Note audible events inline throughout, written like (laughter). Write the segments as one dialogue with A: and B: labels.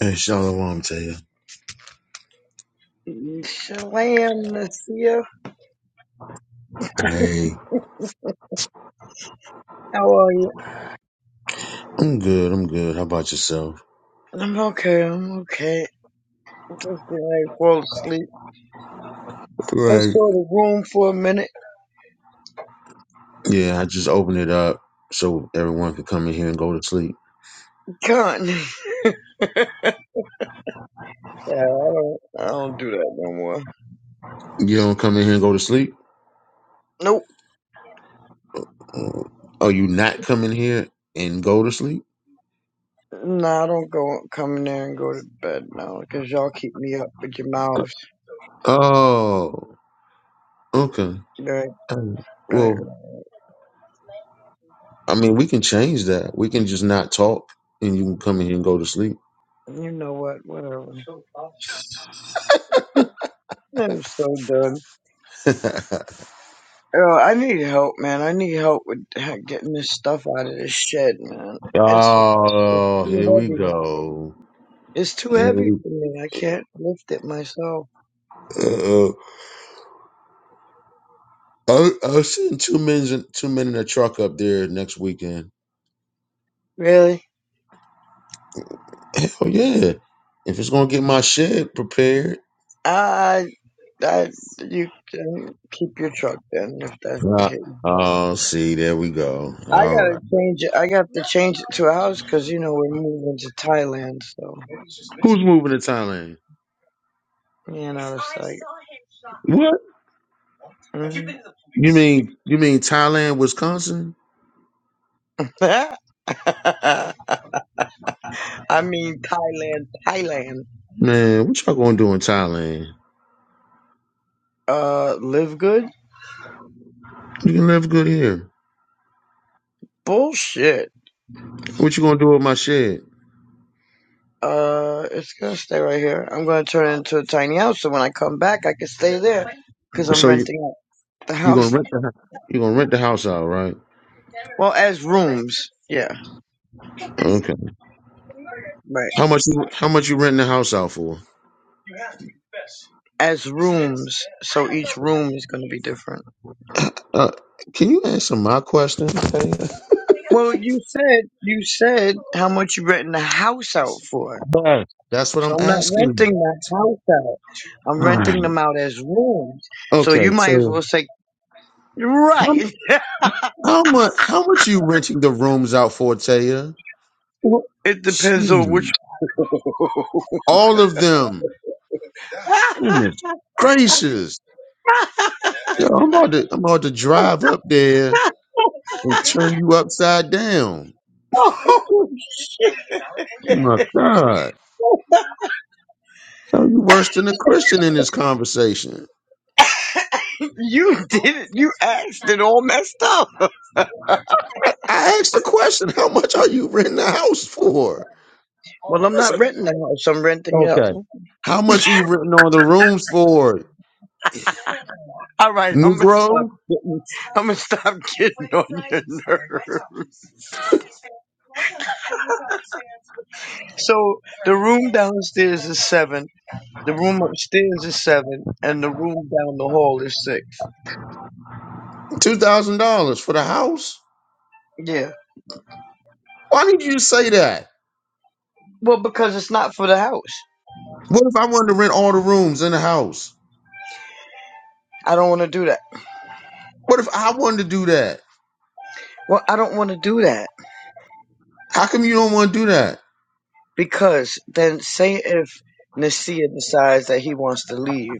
A: Hey, shalom to you.
B: Shalom, Nasir.
A: Hey,
B: How are you?
A: I'm good. I'm good. How about yourself?
B: I'm okay. I'm okay. Just getting ready to fall asleep. I
A: right.
B: saw the room for a minute.
A: Yeah, I just opened it up so everyone can come in here and go to sleep.
B: Can't. (laughs) Yeah, I don't. I don't do that no more.
A: You don't come in here and go to sleep?
B: Nope.
A: Oh, Are you not coming here and go to sleep?
B: Nah, I don't go come in there and go to bed now because y'all keep me up with your mouths.
A: Oh, okay.
B: Right,
A: Um,
B: right.
A: Well, I mean, we can change that. We can just not talk and you can come in here and go to sleep.
B: You know what? Whatever. I'm so done.
A: (laughs)
B: Yo, I need help, man. I need help with getting this stuff out of this shed, man. It's it's
A: oh,
B: too
A: here we
B: heavy.
A: go.
B: It's too
A: Here
B: heavy
A: we,
B: for me. I can't lift it myself.
A: uh I'll, I'll send two men in, two men in a truck up there next weekend.
B: Really?
A: Hell yeah! If it's gonna get my shed prepared.
B: I, I, you can keep your truck then if that's the
A: Uh,
B: case.
A: oh, see, there we go.
B: I
A: All
B: gotta
A: right.
B: change it. I got to change it to a house because you know we're moving to Thailand, so
A: Who's moving to Thailand?
B: you know it's like.
A: What?
B: Have you been to
A: You mean you mean Thailand, Wisconsin?
B: the police? (laughs) I mean Thailand, Thailand.
A: Man, what y'all gonna do in Thailand?
B: Uh, live good?
A: You can live good here.
B: Bullshit.
A: What you gonna do with my shed?
B: Uh, it's gonna stay right here. I'm gonna turn it into a tiny house, so when I come back, I can stay there because I'm
A: So you
B: renting out the
A: you gonna
B: house.
A: rent the hou- you gonna rent the house out, right?
B: Well, as rooms, yeah,
A: Okay.
B: right.
A: How much you how much you renting the house out for?
B: As rooms, so each room is gonna be different.
A: Uh, can you answer my question? Taylor?
B: Well, you said you said how much you renting the house out for.
A: Yes, that's what
B: So
A: I'm
B: I'm not
A: asking.
B: renting the house out. I'm
A: Alright.
B: renting them out as rooms. So
A: Okay,
B: you might as
A: so
B: well say
A: how
B: right.
A: how much how much you renting the rooms out for, Taya?
B: (laughs) It depends on
A: Jeez,
B: which. (laughs)
A: all of them. Goodness gracious! Yo, I'm about to I'm about to drive up there and turn you upside down.
B: oh shit!
A: Oh my God, Yo, you worse than a Christian in this conversation.
B: You did it. You asked it all messed up.
A: I, I asked the question: How much are you renting the house for?
B: Well, I'm
A: That's
B: not
A: a-
B: renting the house. I'm renting it.
A: okay. How much are you renting all the rooms for,
B: All right, I'm gonna stop
A: Negro?
B: getting. I'm gonna stop getting on your nerves. So the room downstairs is seven. The room upstairs is seven, and the room down the hall is six.
A: Two thousand dollars for the house?
B: Yeah.
A: Why did you say that?
B: Well, because it's not for the house.
A: What if I wanted to rent all the rooms in the house?
B: I don't want to do that.
A: What if I wanted to do that?
B: Well, I don't want to do that.
A: How come you don't want to do that?
B: Because then, say if Nasir decides that he wants to leave,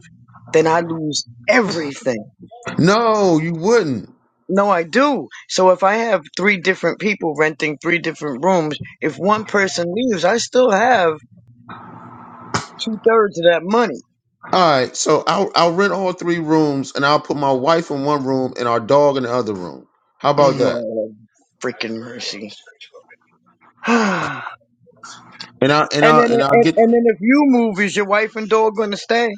B: then I lose everything.
A: No, you wouldn't.
B: No, I do. So if I have three different people renting three different rooms, if one person leaves, I still have two thirds of that money. (clears throat)
A: All right, so I'll, I'll rent all three rooms, and I'll put my wife in one room and our dog in the other room. How about that?
B: Oh, freaking mercy. (sighs) and
A: And I and
B: then,
A: I and I'll
B: and,
A: get
B: and then, if you move, is your wife and dog going to stay?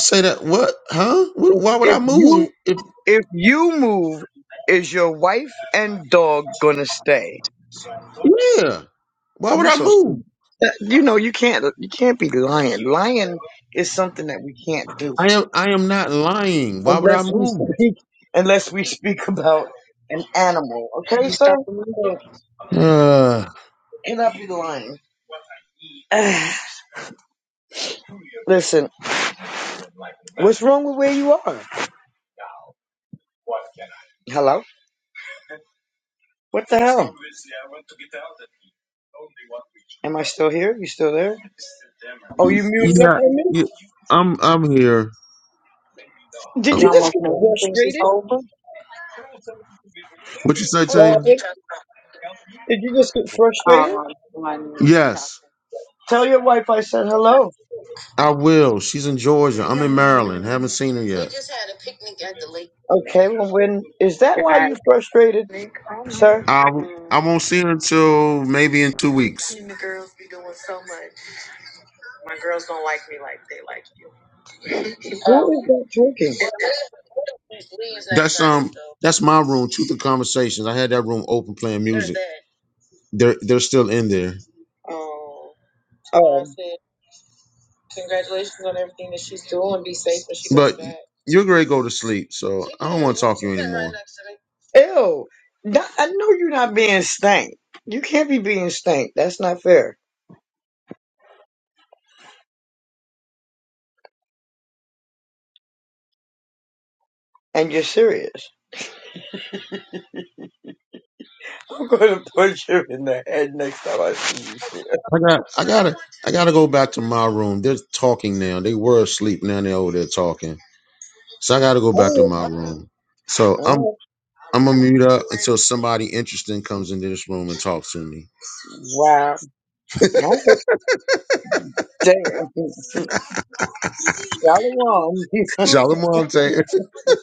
A: say that what? Huh? Wh-
B: If,
A: Why would
B: if
A: I move?
B: you
A: If
B: if you move, is your wife and dog going to stay?
A: yeah, why would
B: You
A: I
B: so
A: move?
B: stupid. That- You know you can't you can't be lying. Lying is something that we can't do
A: I am I am not lying. Why would I
B: unless we
A: move?
B: speak unless we speak about an animal. Okay, sir. So
A: (sighs)
B: cannot be lying. (sighs) Listen, what's wrong with where you are? Hello. What the hell? Am I still here? You still there? Oh, you muted up
A: Yeah,
B: on me?
A: yeah, I'm I'm here.
B: Did
A: Um,
B: you just get frustrated?
A: what you say,
B: What
A: Taylor?
B: happened? Did you just get frustrated?
A: Yes,
B: Tell your wife I said hello.
A: I will. She's in Georgia. I'm in Maryland. Haven't seen her yet.
B: Okay, well, when is that why you frustrated, sir?
A: I I won't see her until maybe in two weeks.
B: Who is that talking?
A: That's um that's my room. Truth and conversations. I had that room open playing music. They're they're still in there,
B: Oh,
A: but you're gonna go to sleep. So I don't want to talk to you anymore.
B: ew! Not- I know you're not being stank. You can't be being stank. That's not fair. And you're serious. (laughs) I'm going to punch you in the head next time I see you. sir. (laughs)
A: I got I gotta I gotta go back to my room. They're talking now. They were asleep. Now they're over there talking. So I gotta go back to
B: All
A: my room.
B: right,
A: So I'm
B: all right.
A: I'm gonna mute up until somebody interesting comes into this room and talks to me.
B: Wow. All right. Damn. (laughs) Shalom.
A: Shalom I'm saying.
B: (laughs)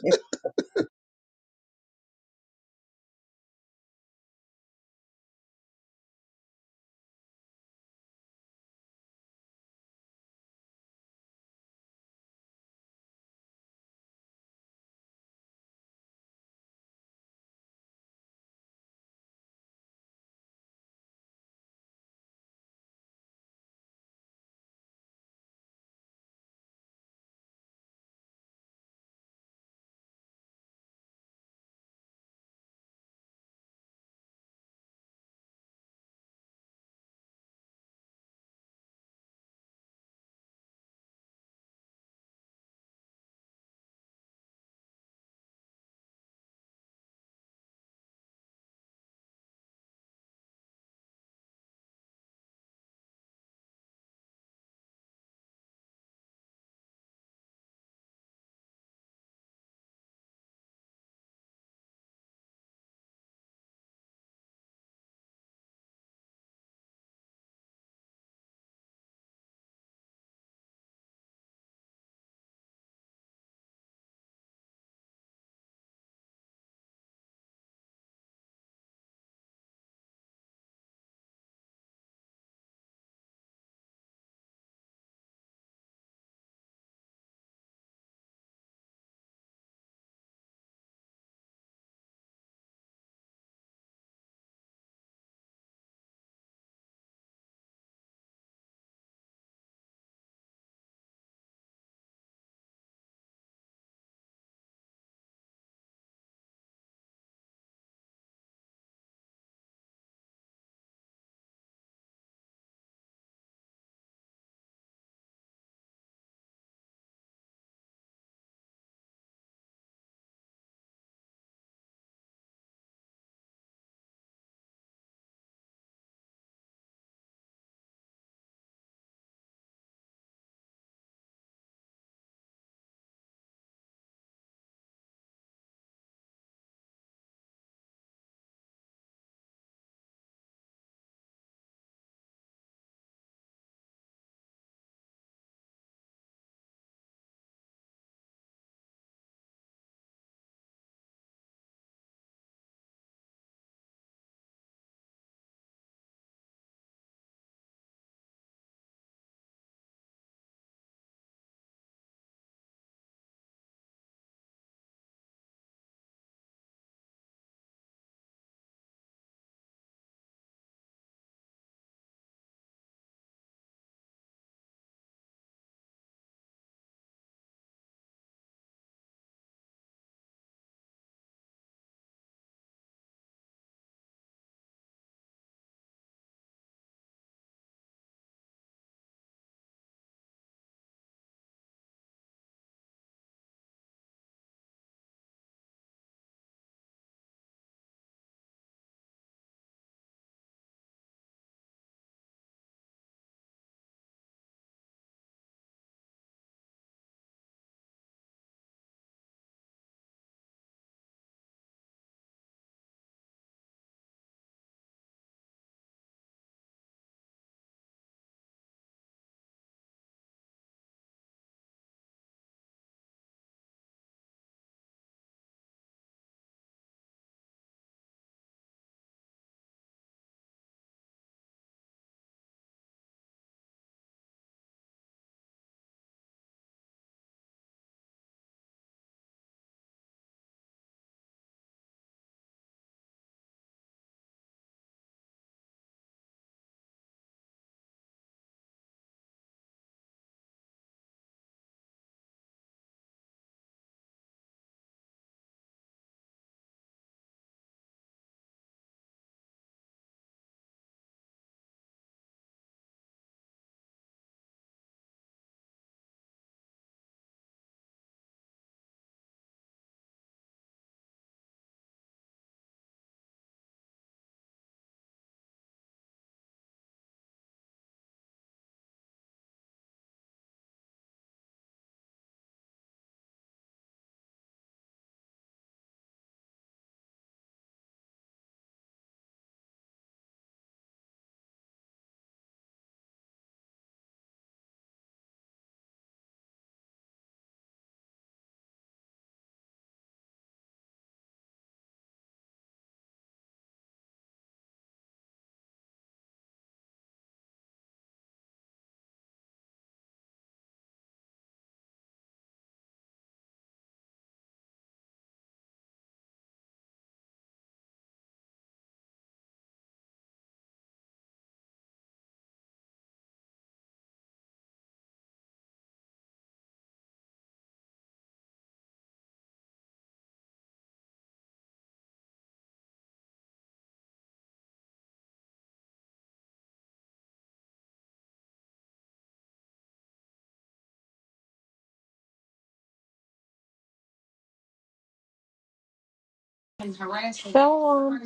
C: Shalom.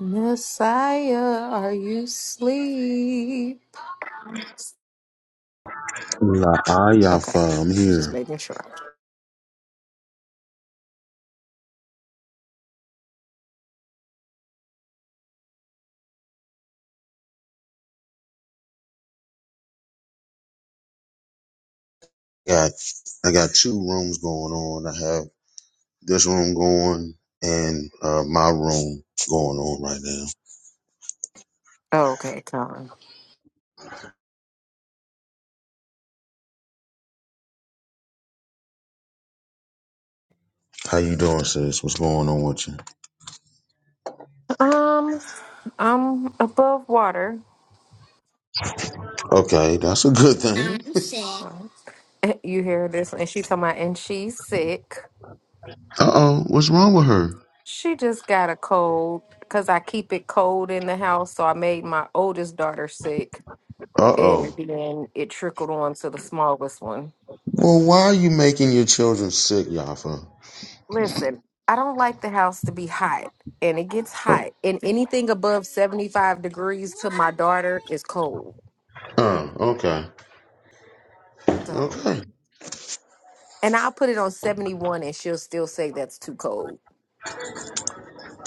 C: Messiah, are you asleep?
A: Nah, I,
C: Okay,
A: Yafa, I'm
C: just
A: here.
C: making sure.
A: Got I got two rooms going on. I have this room going and uh, my room going on right now.
C: Oh, Okay, Colin.
A: How you doing, sis? What's going on with you?
C: Um, I'm above water.
A: Okay, that's a good thing.
C: I'm
A: (laughs)
C: sick. You hear this? And she talking about, and she's sick.
A: Uh oh, what's wrong with her?
C: She just got a cold because I keep it cold in the house. So I made my oldest daughter sick,
A: Uh
C: and
A: oh.
C: then it trickled on to the smallest one.
A: Well, why are you making your children sick, Yafa?
C: Listen, I don't like the house to be hot, and it gets hot, and anything above 75 degrees to my daughter is cold.
A: Huh, okay.
C: So,
A: Okay.
C: and I'll put it on 71, and she'll still say that's too cold.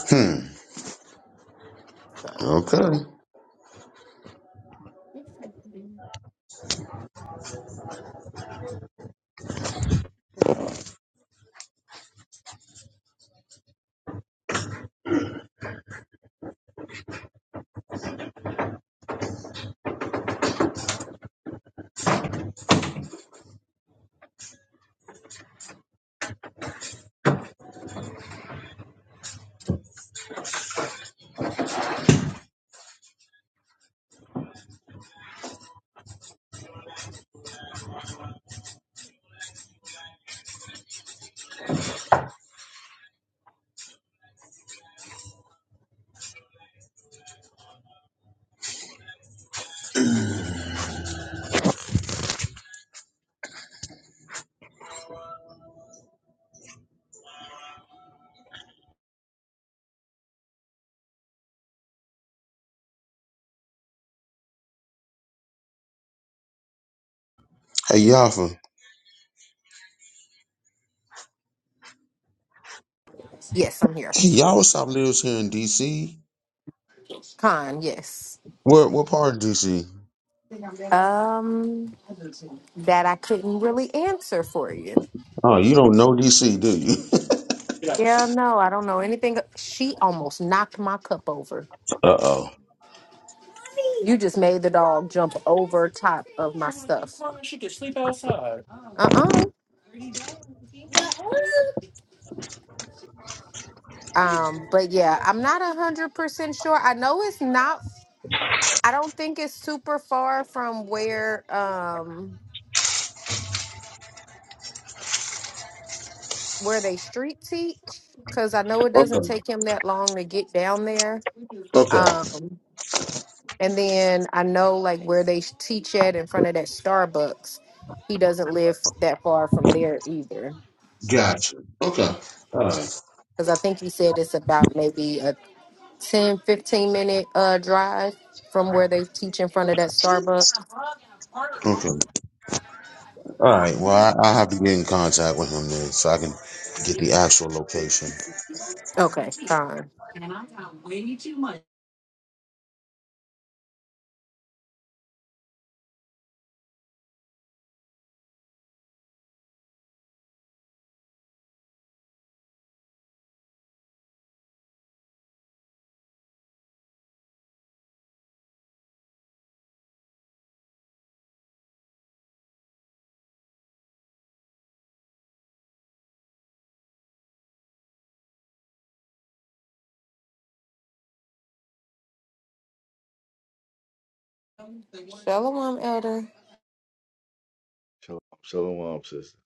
A: Hmm.
C: So, yes,
A: Okay. Hey, Yafa.
C: yes, I'm here.
A: Hey, y'all, what's up? Lives here in D.C.
C: Con, yes.
A: Where? What part of D.C.?
C: Um, that I couldn't really answer for you.
A: Oh, you don't know D.C., do you? (laughs)
C: Yeah, no, I don't know anything. She almost knocked my cup over.
A: uh oh.
C: You just made the dog jump over top of my stuff. Uh uh Um, but yeah, I'm not a hundred percent sure. I know it's not. I don't think it's super far from where um where they street teach because I know it doesn't
A: Okay.
C: take him that long to get down there.
A: Okay.
C: Um, and then I know like where they teach at in front of that Starbucks. He doesn't live f- that far from there either
A: Gotcha. Okay. All right.
C: because I think he said it's about maybe a 10 15 minute uh drive from where they teach in front of that Starbucks.
A: Okay. All right. Well, I, I have to get in contact with him then, so I can get the actual location.
C: Okay, fine. Shalom, Elder.
D: Shalom, shalom, sister.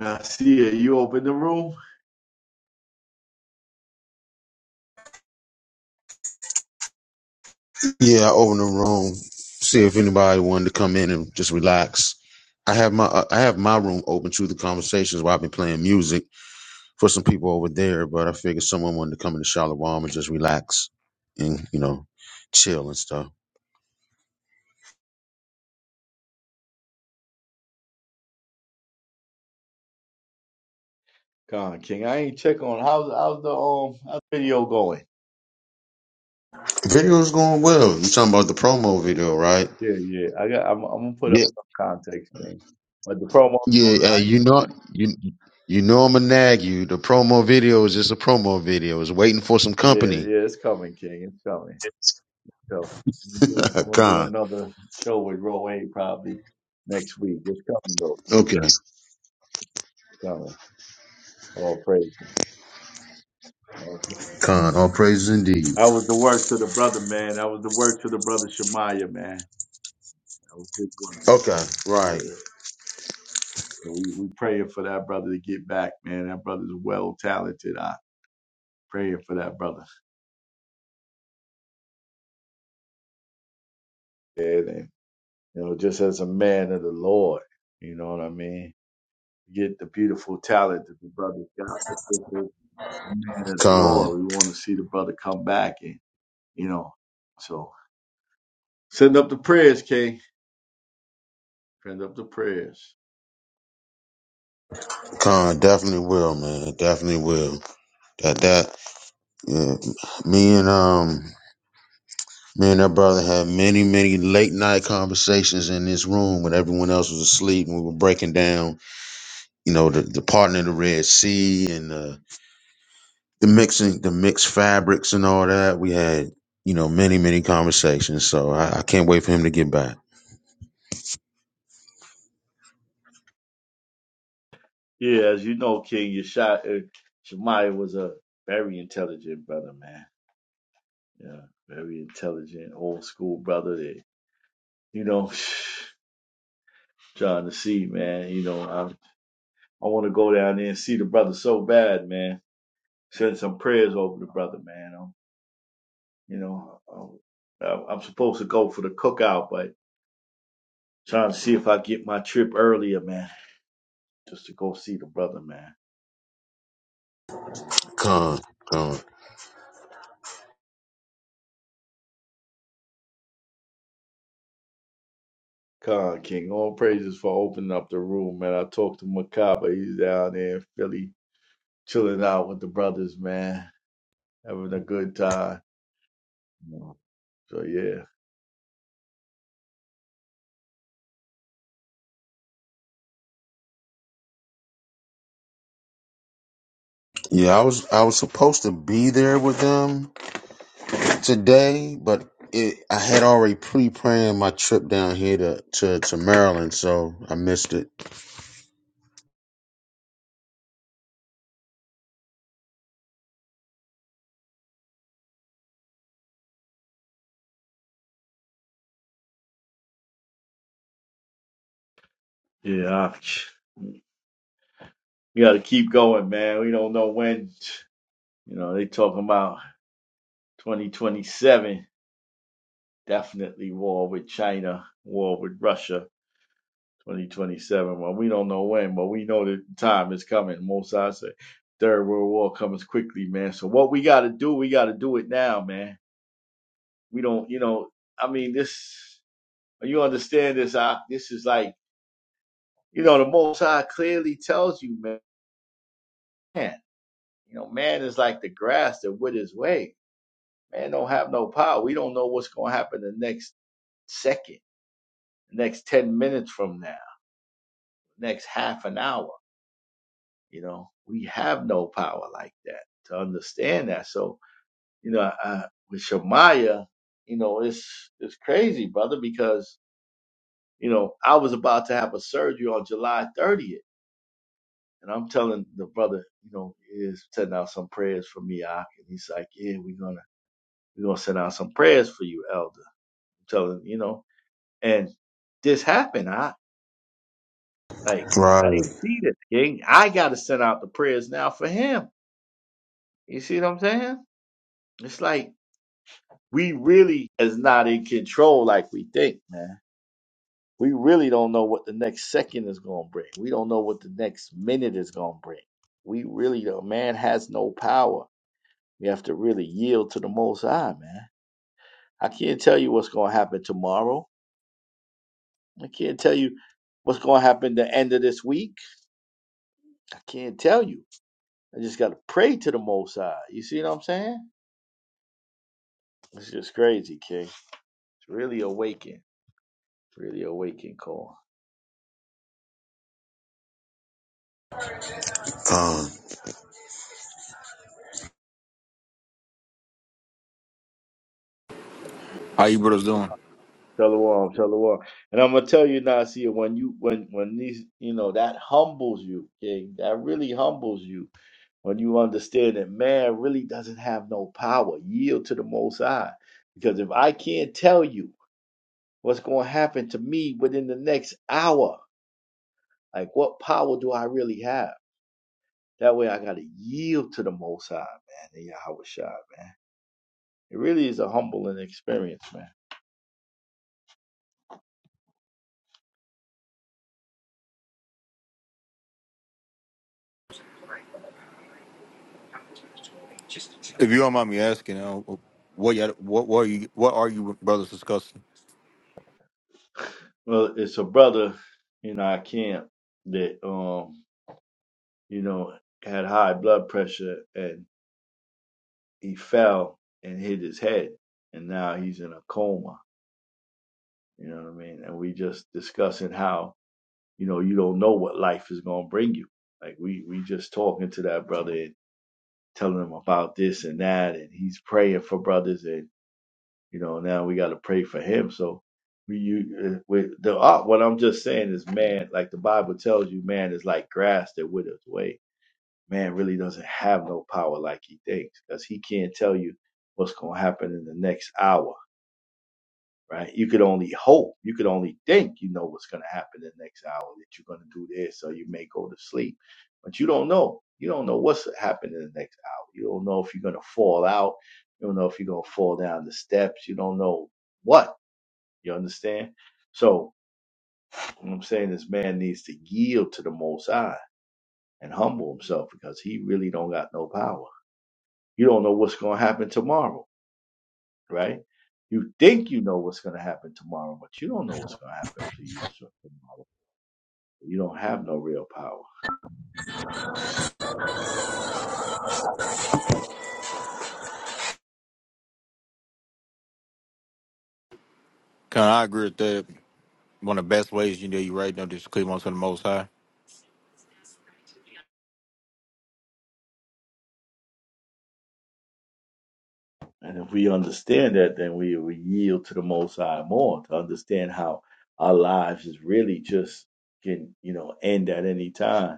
D: I see it. You open the room.
A: Yeah, I opened the room. See if anybody wanted to come in and just relax. I have my uh, I have my room open to the conversations while I've been playing music for some people over there, but I figured someone wanted to come into Charlotte Warm and just relax and you know chill and stuff.
D: Con King, I ain't check on how's how's the um how's the video going.
A: Video's going well. You're talking about the promo video, right?
D: Yeah, yeah. I got. I'm, I'm gonna put up
A: Yeah,
D: some context, King. But the promo.
A: yeah. Uh, you know, you you know I'm gonna nag you. The promo video is just a promo video. It's waiting for some
D: Yeah,
A: company.
D: yeah. It's coming, King. It's coming. So I'm gonna
A: (laughs)
D: do, I'm gonna do
A: Con,
D: another show with Row Eight probably next week. It's coming though. King.
A: okay,
D: It's coming. All praise. All praise.
A: Con. All praises indeed.
D: That was the work to the brother, man. That was the work to the brother Shemaiah, man. That was his work.
A: Okay, right.
D: Yeah. So We, we praying for that brother to get back, man. That brother's well talented. I praying for that brother. And, and you know, just as a man of the Lord, you know what I mean? Get the beautiful talent that the brother's got, but just as a man of the
A: Con,
D: Lord, we want to see the brother come back and you know. So send up the prayers, King. Send up the prayers.
A: con, definitely will, man. Definitely will. That that. Yeah. Me and um, me and that brother had many, many late night conversations in this room when everyone else was asleep, and we were breaking down, you know, the the parting of the Red Sea and the the mixing, the mixed fabrics and all that. We had, you know, many, many conversations. So I, I can't wait for him to get back.
D: Yeah, as you know, King, your shot uh, Shemaiah was a very intelligent brother, man. Yeah, very intelligent, old school brother. that you know, (sighs) trying to see, man. You know, I I want to go down there and see the brother so bad, man. Send some prayers over the brother, man. I'm, you know, I'm, I'm I'm supposed to go for the cookout, but trying to see if I get my trip earlier, man, just to go see the brother, man.
A: Con, con.
D: Khan King, all praises for opening up the room, man. I talked to Makaba. He's down there in Philly, chilling out with the brothers, man, having a good time. So yeah,
A: Yeah, I was I was supposed to be there with them today, but it, I had already pre-planned my trip down here to, to, to Maryland, so I missed it.
D: yeah. I, We got to keep going, man. We don't know when. You know, they talking about 2027, definitely war with China, war with Russia, 2027. Well, we don't know when, but we know the time is coming. Mosai said, Third World War comes quickly, man. So what we got to do, we got to do it now, man. We don't, you know, I mean, this, you understand this? I, this is like, you know, the Most High clearly tells you, man, you know, man is like the grass that withers away Man don't have no power. We don't know what's going to happen the next second, the next 10 minutes from now, next half an hour. You know, we have no power like that to understand that. So, you know, I, with Shemaiah, you know, it's, it's crazy, brother, because, you know, I was about to have a surgery on July 30th. And I'm telling the brother, you know, is sending out some prayers for me, Ak. And he's like, yeah, we're going to, we're going to send out some prayers for you, elder. I'm telling, you know, and this happened. Like, I
A: Right.
D: didn't see this king. I got to send out the prayers now for him. You see what I'm saying? It's like we really is not in control like we think, man. We really don't know what the next second is going to bring. We don't know what the next minute is going to bring. We really don't. Man has no power. We have to really yield to the Most High, man. I can't tell you what's going to happen tomorrow. I can't tell you what's going to happen the end of this week. I can't tell you. I just got to pray to the Most High. You see what I'm saying? It's just crazy, King. It's really awakened. It's really awakened, Cole.
A: Um,
E: How you brothers doing?
D: Tell the world, tell the world. And I'm gonna tell you, Nasir, when you when when these you know, that humbles you, King. That really humbles you when you understand that man really doesn't have no power. Yield to the most high. Because if I can't tell you what's gonna happen to me within the next hour, like what power do I really have? That way I gotta yield to the most high, man, the Yahweh Shai. It really is a humbling experience, man.
E: If you don't mind me asking, uh, what y'all- what what are you what are you brothers discussing?
D: Well, it's a brother in our camp that um, you know, had high blood pressure and he fell and hit his head and now he's in a coma. You know what I mean? And we just discussing how, you know, you don't know what life is gonna bring you. Like we we just talking to that brother and telling him about this and that and he's praying for brothers and You know, now we got to pray for him. So we, you, uh, with the uh, what I'm just saying is, man, like the Bible tells you, man is like grass that withers away. Man really doesn't have no power like he thinks, because he can't tell you what's gonna happen in the next hour, right? You could only hope, you could only think, you know what's gonna happen in the next hour that you're gonna do this, or you may go to sleep, but you don't know. You don't know what's happening in the next hour. You don't know if you're gonna fall out. You don't know if you're gonna fall down the steps. You don't know what. You understand? So what I'm saying this man needs to yield to the most high and humble himself because he really don't got no power. You don't know what's gonna happen tomorrow, right? You think you know what's gonna happen tomorrow, but you don't know what's gonna happen for you tomorrow. You don't have no real power.
E: Can I agree with that? One of the best ways you know you right now is to cleave on to the Most High.
D: And if we understand that, then we, we yield to the most high more to understand how our lives is really just can, you know, end at any time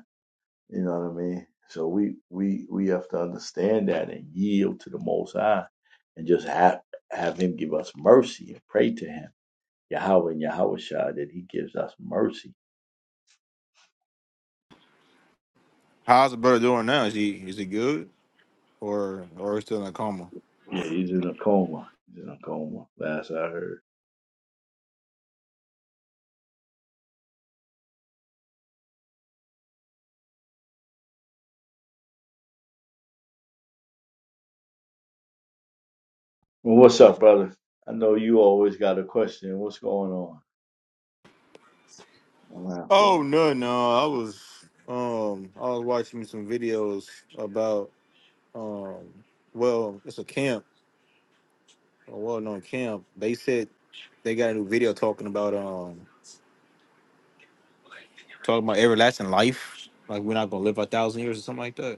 D: You know what I mean? So we we we have to understand that and yield to the Most High, and just have have Him give us mercy and pray to Him, Yahweh and Yahweh Shah, that He gives us mercy.
E: How's the brother doing now? Is he is he good or or is he still in a coma?
D: Yeah, he's in a coma. He's in a coma. Last I heard. Well, what's up, brother? I know you always got a question. What's going on? I'm not good.
E: Oh no no, I was um I was watching some videos about um well it's a camp a well known camp. They said they got a new video talking about um talking about everlasting life like we're not gonna live a thousand years or something like that.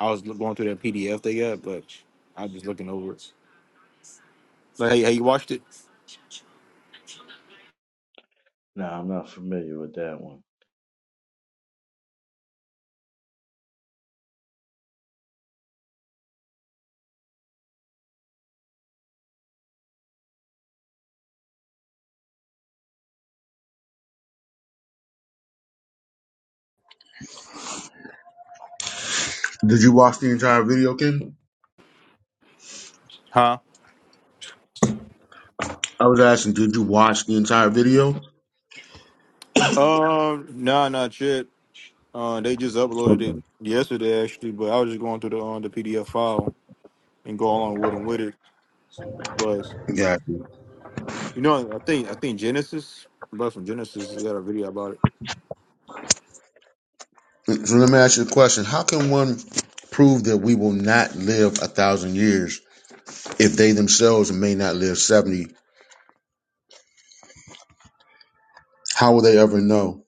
E: I was look- going through that PDF they got, but I was just looking over it. Like, hey, hey, you watched it?
D: No, I'm not familiar with that one.
A: did you watch the entire video, Ken?
E: Huh?
A: I was asking, did you watch the entire video?
E: Um, nah, not yet. Uh, they just uploaded it
A: Okay.
E: yesterday actually, but I was just going through the um, the PDF file and go along with them with it. But
A: Yeah.
E: you know, I think I think Genesis, but from Genesis, they got a video about it.
A: So let me ask you a question: How can one prove that we will not live a thousand years if they themselves may not live seventy? How will they ever know?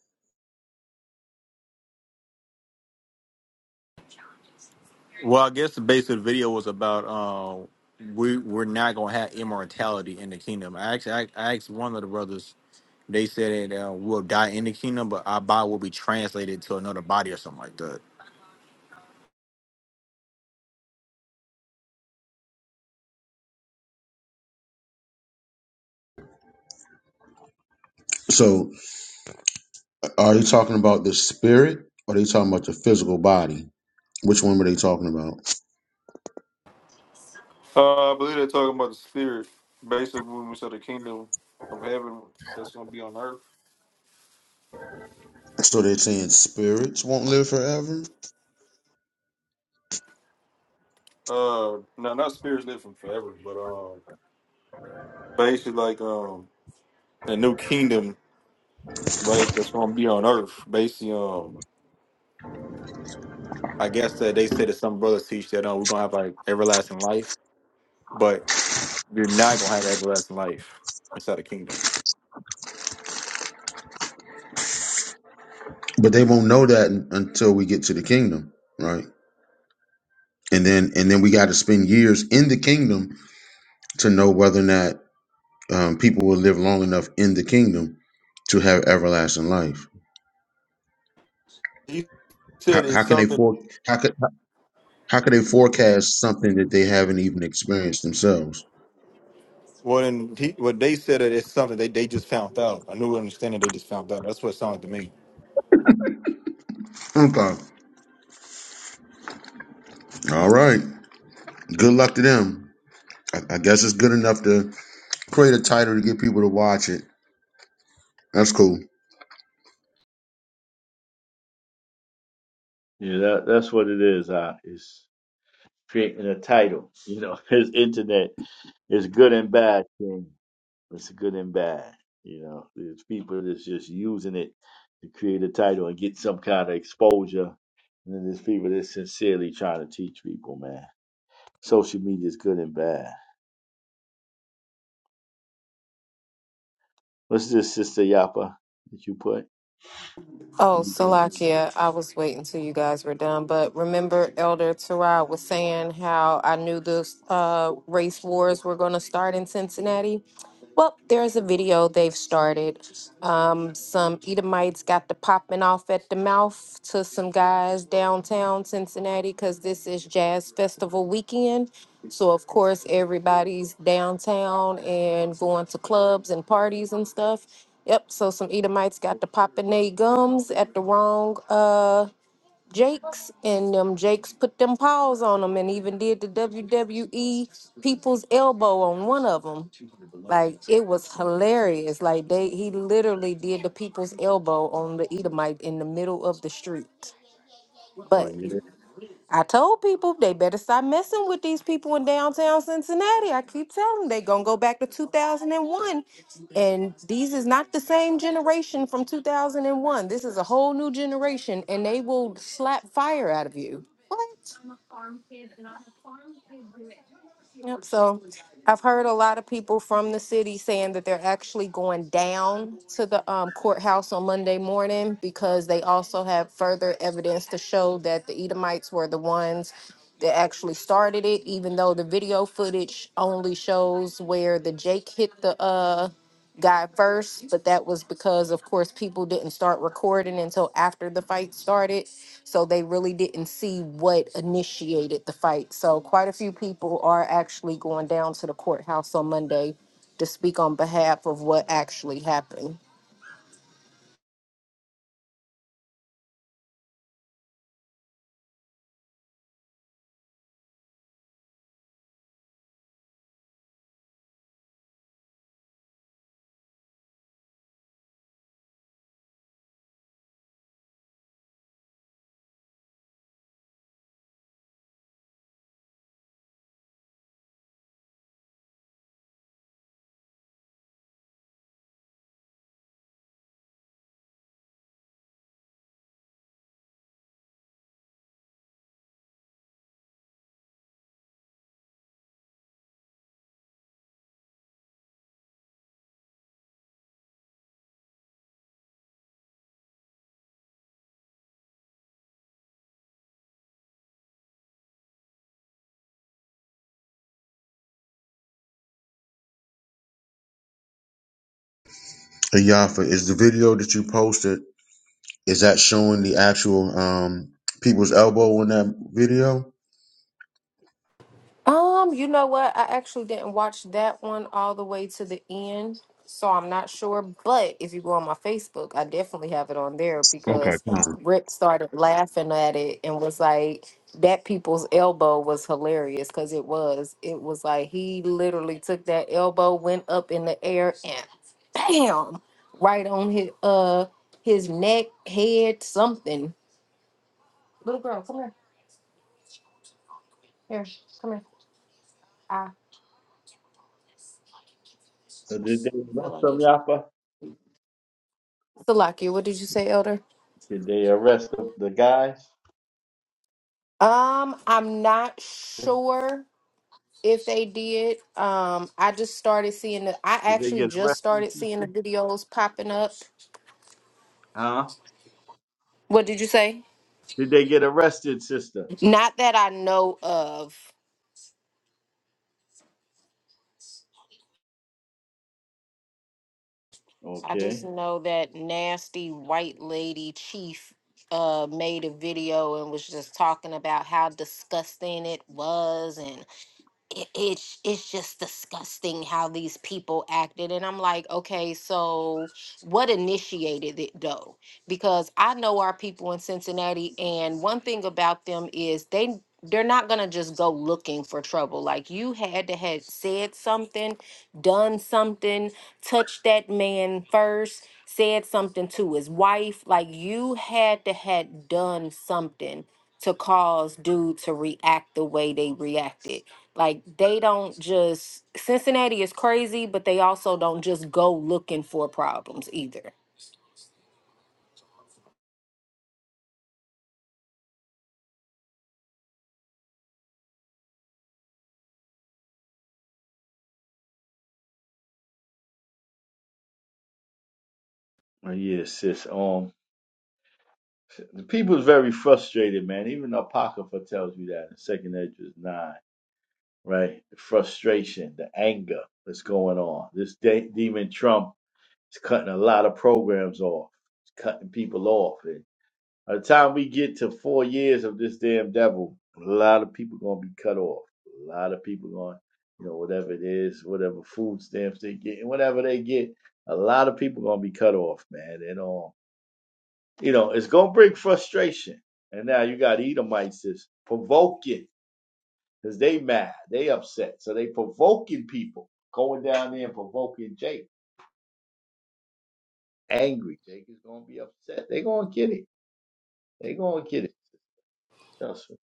E: Well, I guess the base of the video was about uh, we we're not gonna have immortality in the kingdom. I actually I, I asked one of the brothers They said that uh, we'll die in the kingdom, but our body will be translated to another body or something like that.
A: So, are they talking about the spirit, or are they talking about the physical body? Which one were they talking about?
E: Uh, I believe they're talking about the spirit. Basically, when we said the kingdom of heaven that's gonna be on earth.
A: So they're saying spirits won't live forever,
E: Uh, no, not spirits living forever, but um, basically like um, the new kingdom, right? That's gonna be on earth. Basically, um, I guess that they said that some brothers teach that uh, we're gonna have like everlasting life, but you're not gonna have everlasting life inside the kingdom.
A: but they won't know that un- until we get to the kingdom, right? And then and then we got to spend years in the kingdom to know whether or not um, people will live long enough in the kingdom to have everlasting life.
E: He
A: How,
E: said it's
A: how can they
E: something
A: for how could how could they forecast something that they haven't even experienced themselves?
E: Well, and he, what they said it is something they, they just found out. I knew understanding they just found out. That's what it sounded to me.
A: Okay, all right. Good luck to them. I, I guess it's good enough to create a title to get people to watch it. That's cool.
D: Yeah, that that's what it is. I it's creating a title. You know, (laughs) his internet is good and bad. It's good and bad. You know, there's people that's just using it to create a title and get some kind of exposure. And then there's people that's sincerely trying to teach people, man. Social media is good and bad. What's this, Sister Yapa? that you put?
C: Oh,
D: Oh,
C: Salakia, I was waiting till you guys were done. But remember, Elder Terrell was saying how I knew the uh, race wars were going to start in Cincinnati? Well, there's a video they've started. Um, some Edomites got the popping off at the mouth to some guys downtown Cincinnati because this is Jazz Festival weekend. So, of course, everybody's downtown and going to clubs and parties and stuff. Yep, so some Edomites got the popping they gums at the wrong uh, Jakes, and them Jakes put them paws on them and even did the WWE people's elbow on one of them. Like it was hilarious. Like they he literally did the people's elbow on the Edomite in the middle of the street. But
D: yeah.
C: I told people they better stop messing with these people in downtown Cincinnati. I keep telling them they gonna go back to 2001, and one, and these is not the same generation from 2001. This is a whole new generation, and they will slap fire out of you. What? Yep. So I've heard a lot of people from the city saying that they're actually going down to the um, courthouse on Monday morning because they also have further evidence to show that the Edomites were the ones that actually started it, even though the video footage only shows where the Jake hit the uh guy first, but that was because, of course, people didn't start recording until after the fight started. So they really didn't see what initiated the fight. So quite a few people are actually going down to the courthouse on Monday to speak on behalf of what actually happened.
A: Hey, Yafa, is the video that you posted, is that showing the actual um people's elbow in that video?
C: Um, you know what? I actually didn't watch that one all the way to the end, so I'm not sure. But if you go on my Facebook, I definitely have it on there
A: Okay,
C: because
A: fine.
C: Rick started laughing at it and was like, "That people's elbow was hilarious because it was. It was like he literally took that elbow, went up in the air, and bam, right on his uh his neck, head, something. Little girl, come here. Here, come here. I
D: So did they
C: feel
D: arrest
C: like
D: them,
C: it's
D: Yapa?
C: Salakia. What did you say, Elder?
D: Did they arrest the, the guys?
C: Um, I'm not sure if they did. Um, I just started seeing the I
D: Did they
C: actually
D: get
C: just
D: arrested,
C: started seeing the
D: sister?
C: videos popping up.
D: Huh?
C: What did you say?
D: Did they get arrested, sister?
C: Not that I know of. I just
D: Okay.
C: know that nasty white lady chief uh made a video and was just talking about how disgusting it was it, it's it's just disgusting how these people acted and i'm like okay so what initiated it though because i know our people in cincinnati and one thing about them is they they're not going to just go looking for trouble like you had to have said something done something touched that man first said something to his wife like you had to had done something to cause dude to react the way they reacted like they don't just Cincinnati is crazy, but they also don't just go looking for problems either.
D: Oh, yeah, sis. Um, The people is very frustrated, man. Even Apocrypha tells you that in Second Edges nine, right? The frustration, the anger that's going on. This de- demon Trump is cutting a lot of programs off, It's cutting people off. And by the time we get to four years of this damn devil, a lot of people gonna be cut off. A lot of people going, you know, whatever it is, whatever food stamps they get, whatever they get, a lot of people gonna be cut off, man. And all. You know, it's gonna bring frustration. And now you got Edomites that's provoking because they mad, they upset. So they provoking people, going down there and provoking Jake. Angry. Jake is gonna be upset. They gonna get it. They gonna get it. Trust me.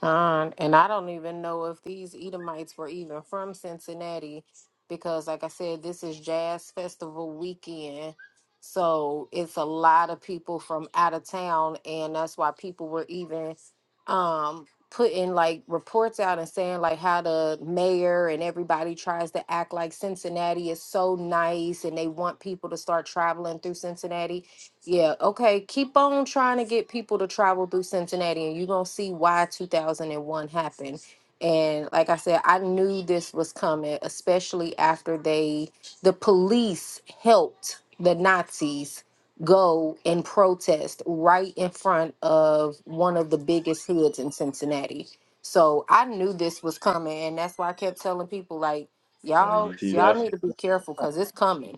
C: Con, and I don't even know if these Edomites were even from Cincinnati because, like I said, this is Jazz Festival weekend. So it's a lot of people from out of town, and that's why people were even um, putting like reports out and saying like how the mayor and everybody tries to act like Cincinnati is so nice and they want people to start traveling through Cincinnati yeah, okay. Keep on trying to get people to travel through Cincinnati, and you're going to see why 2001 happened. And like I said, I knew this was coming, especially after they, the police helped the Nazis go and protest right in front of one of the biggest hoods in Cincinnati. So I knew this was coming, and that's why I kept telling people like,
D: Oh,
C: y'all,
D: you see
C: y'all
D: that's
C: need to be careful because it's coming.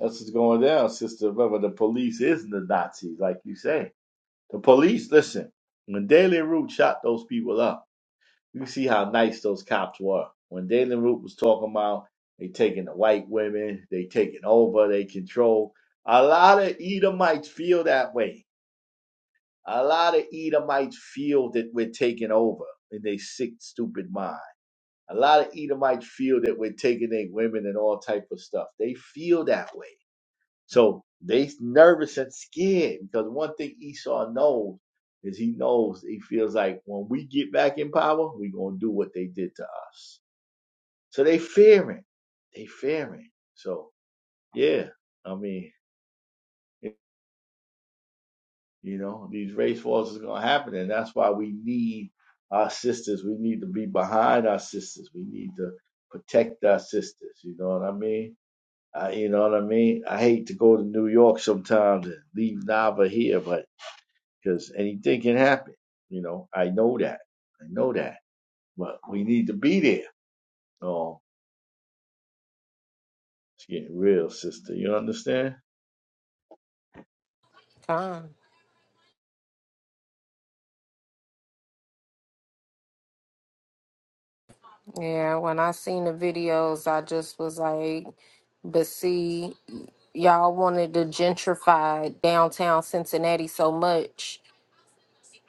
D: that's what's going down, sister. Remember the police is the Nazis, like you say. The police, listen, when De La Rue shot those people up. You see how nice those cops were. When Dalen Root was talking about they taking the white women, they taking over, they control. A lot of Edomites feel that way. A lot of Edomites feel that we're taking over in their sick, stupid mind. A lot of Edomites feel that we're taking their women and all type of stuff. They feel that way. So they nervous and scared because one thing Esau knows is he knows he feels like when we get back in power, we're gonna do what they did to us. So they fearing. They fearing. So yeah, I mean, you know, these race wars is gonna happen, and that's why we need our sisters. We need to be behind our sisters. We need to protect our sisters. You know what I mean? I, you know what I mean? I hate to go to New York sometimes and leave Nava here, but because anything can happen. You know, I know that. I know that. But we need to be there. Oh, it's getting real, sister. You understand?
C: Come. Yeah, when I seen the videos, I just was like, but see, y'all wanted to gentrify downtown Cincinnati so much.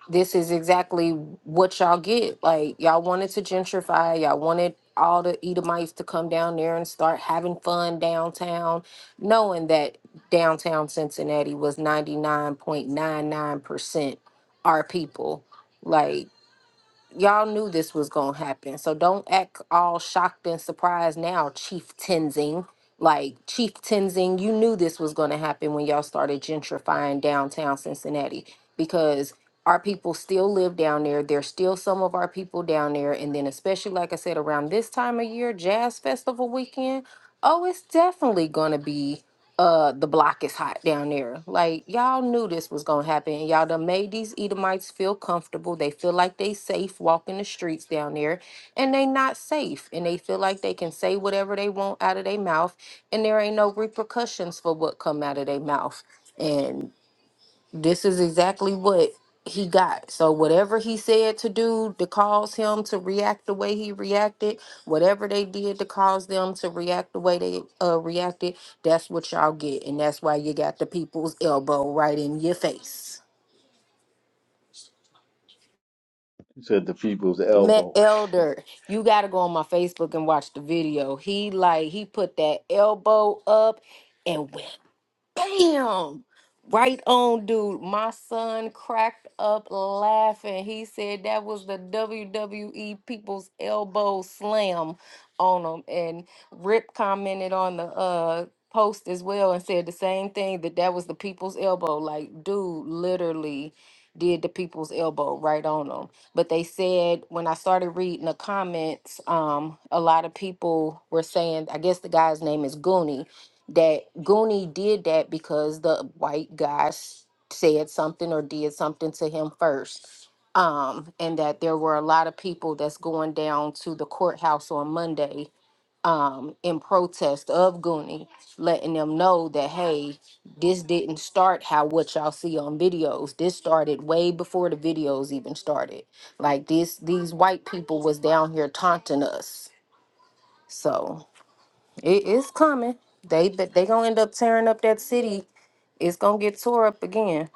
C: This is exactly what y'all get. Like, y'all wanted to gentrify, y'all wanted all the Edomites to come down there and start having fun downtown, knowing that downtown Cincinnati was 99.99% our people. Like, y'all knew this was gonna happen. So don't act all shocked and surprised now, Chief Tenzing. Like Chief Tenzing, you knew this was gonna happen when y'all started gentrifying downtown Cincinnati because our people still live down there. There's still some of our people down there. And then especially like I said, around this time of year, Jazz Festival weekend, oh, it's definitely gonna be uh the block is hot down there. Like y'all knew this was gonna happen. and Y'all done made these Edomites feel comfortable. They feel like they safe walking the streets down there, and they not safe. And they feel like they can say whatever they want out of their mouth, and there ain't no repercussions for what come out of their mouth this is exactly what he got. So whatever he said to do to cause him to react the way he reacted, whatever they did to cause them to react the way they uh, reacted, that's what y'all get, and that's why you got the people's elbow right in your face.
D: He said the people's elbow.
C: Matt Elder, you gotta go on my Facebook and watch the video. He like he put that elbow up and went bam right on dude my son cracked up laughing he said that was the wwe people's elbow slam on him and rip commented on the uh post as well and said the same thing that that was the people's elbow like dude literally did the people's elbow right on them but they said when i started reading the comments um a lot of people were saying i guess the guy's name is goonie that Goonie did that because the white guy s- said something or did something to him first. Um, and that there were a lot of people that's going down to the courthouse on Monday um, in protest of Goonie, letting them know that, hey, this didn't start how what y'all see on videos. This started way before the videos even started. Like this, these white people was down here taunting us. So it is coming. They but they gonna end up tearing up that city. It's gonna get tore up again.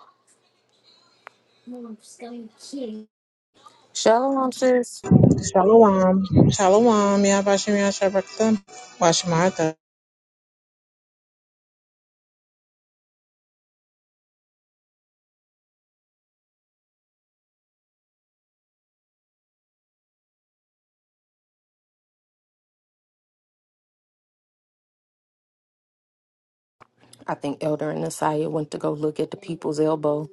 C: Shalom sis.
F: Shalom. Shalom. Yabashim Yashabakta. Washmata.
C: I think Elder and Nasiah went to go look at the people's elbow.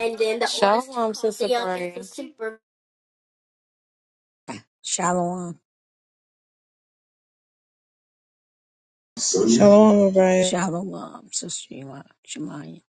C: And then the Shalom sister Brian. Super-
G: Shalom.
F: Shalom, Abraham.
G: Shalom, Sister Shema- Shemaya.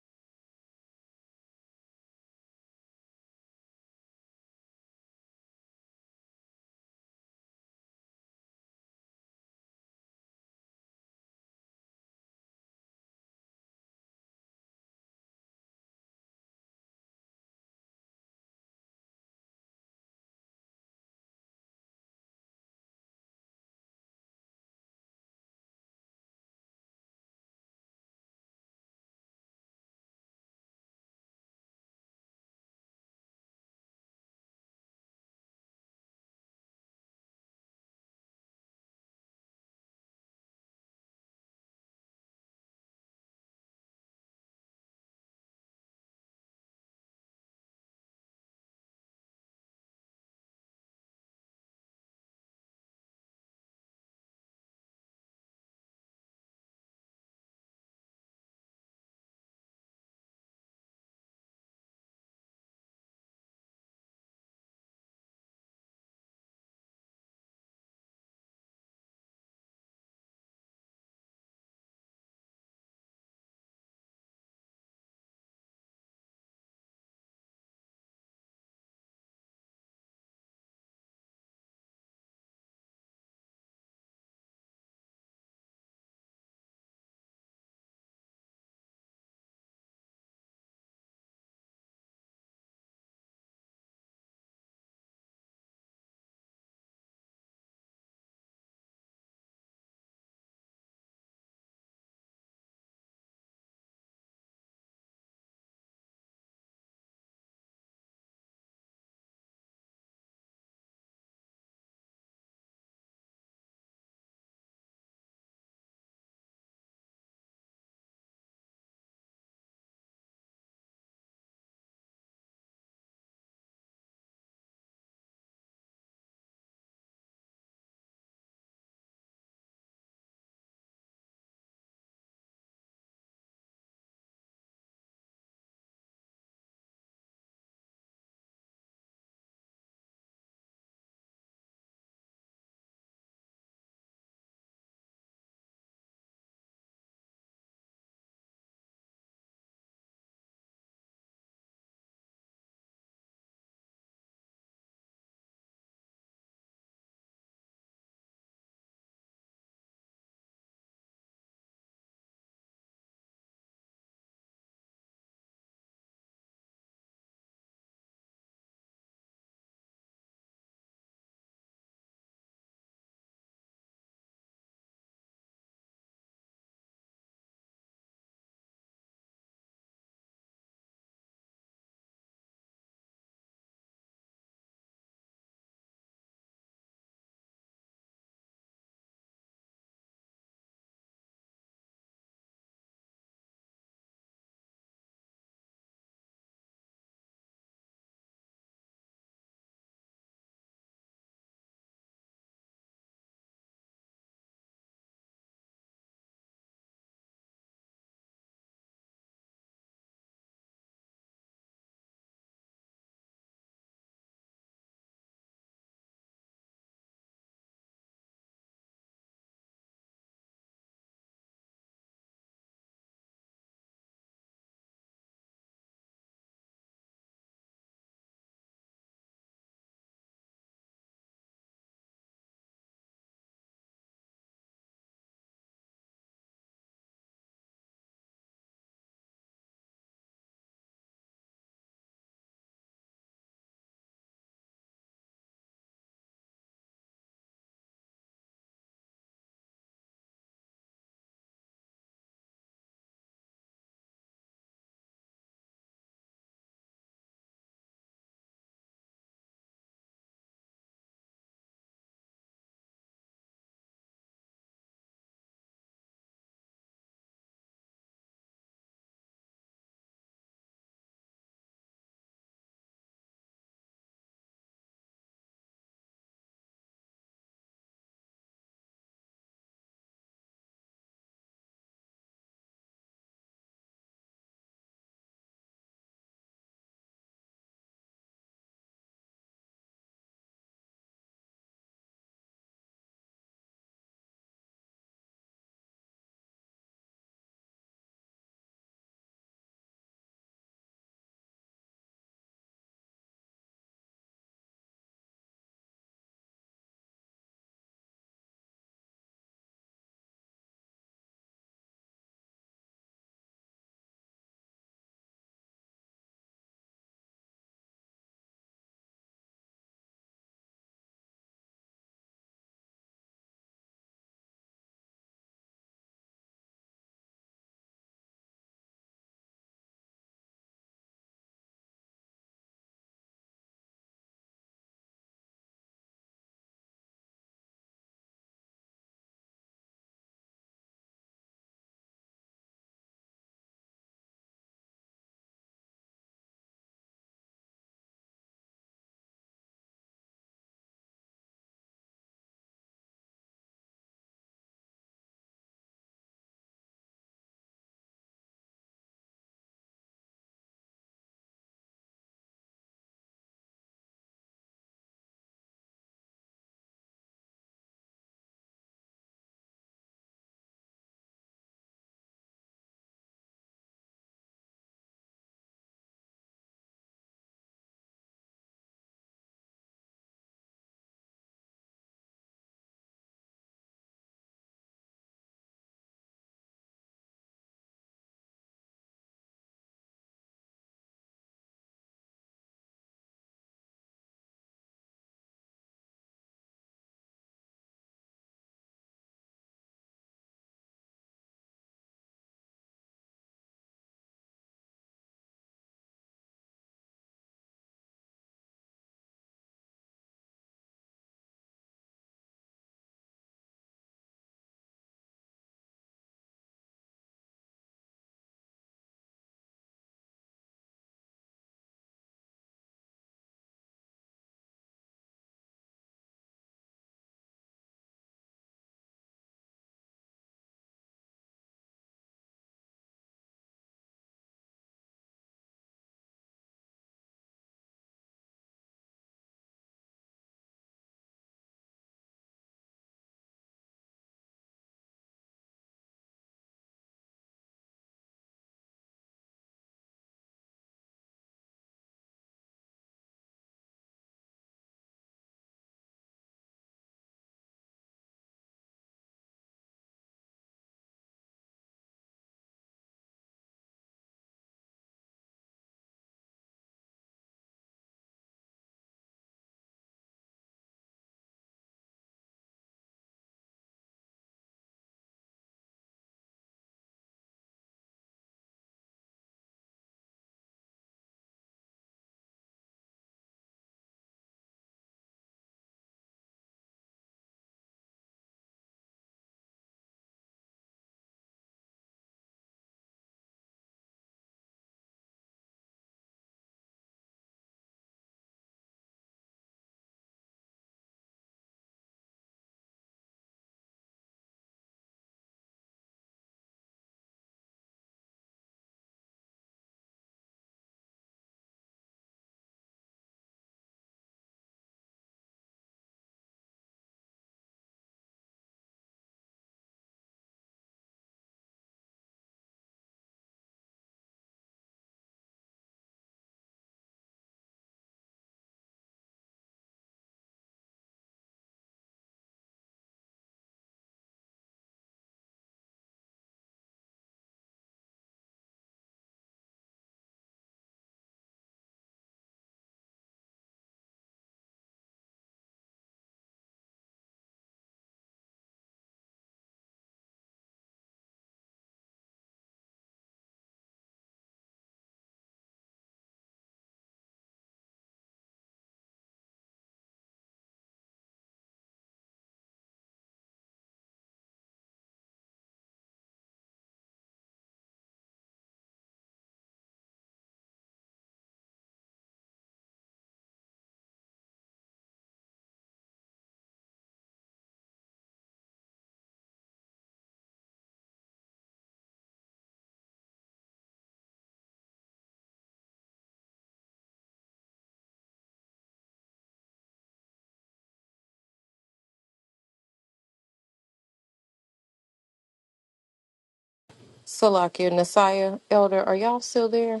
C: Salakia, Nasiah, Elder, are y'all still there?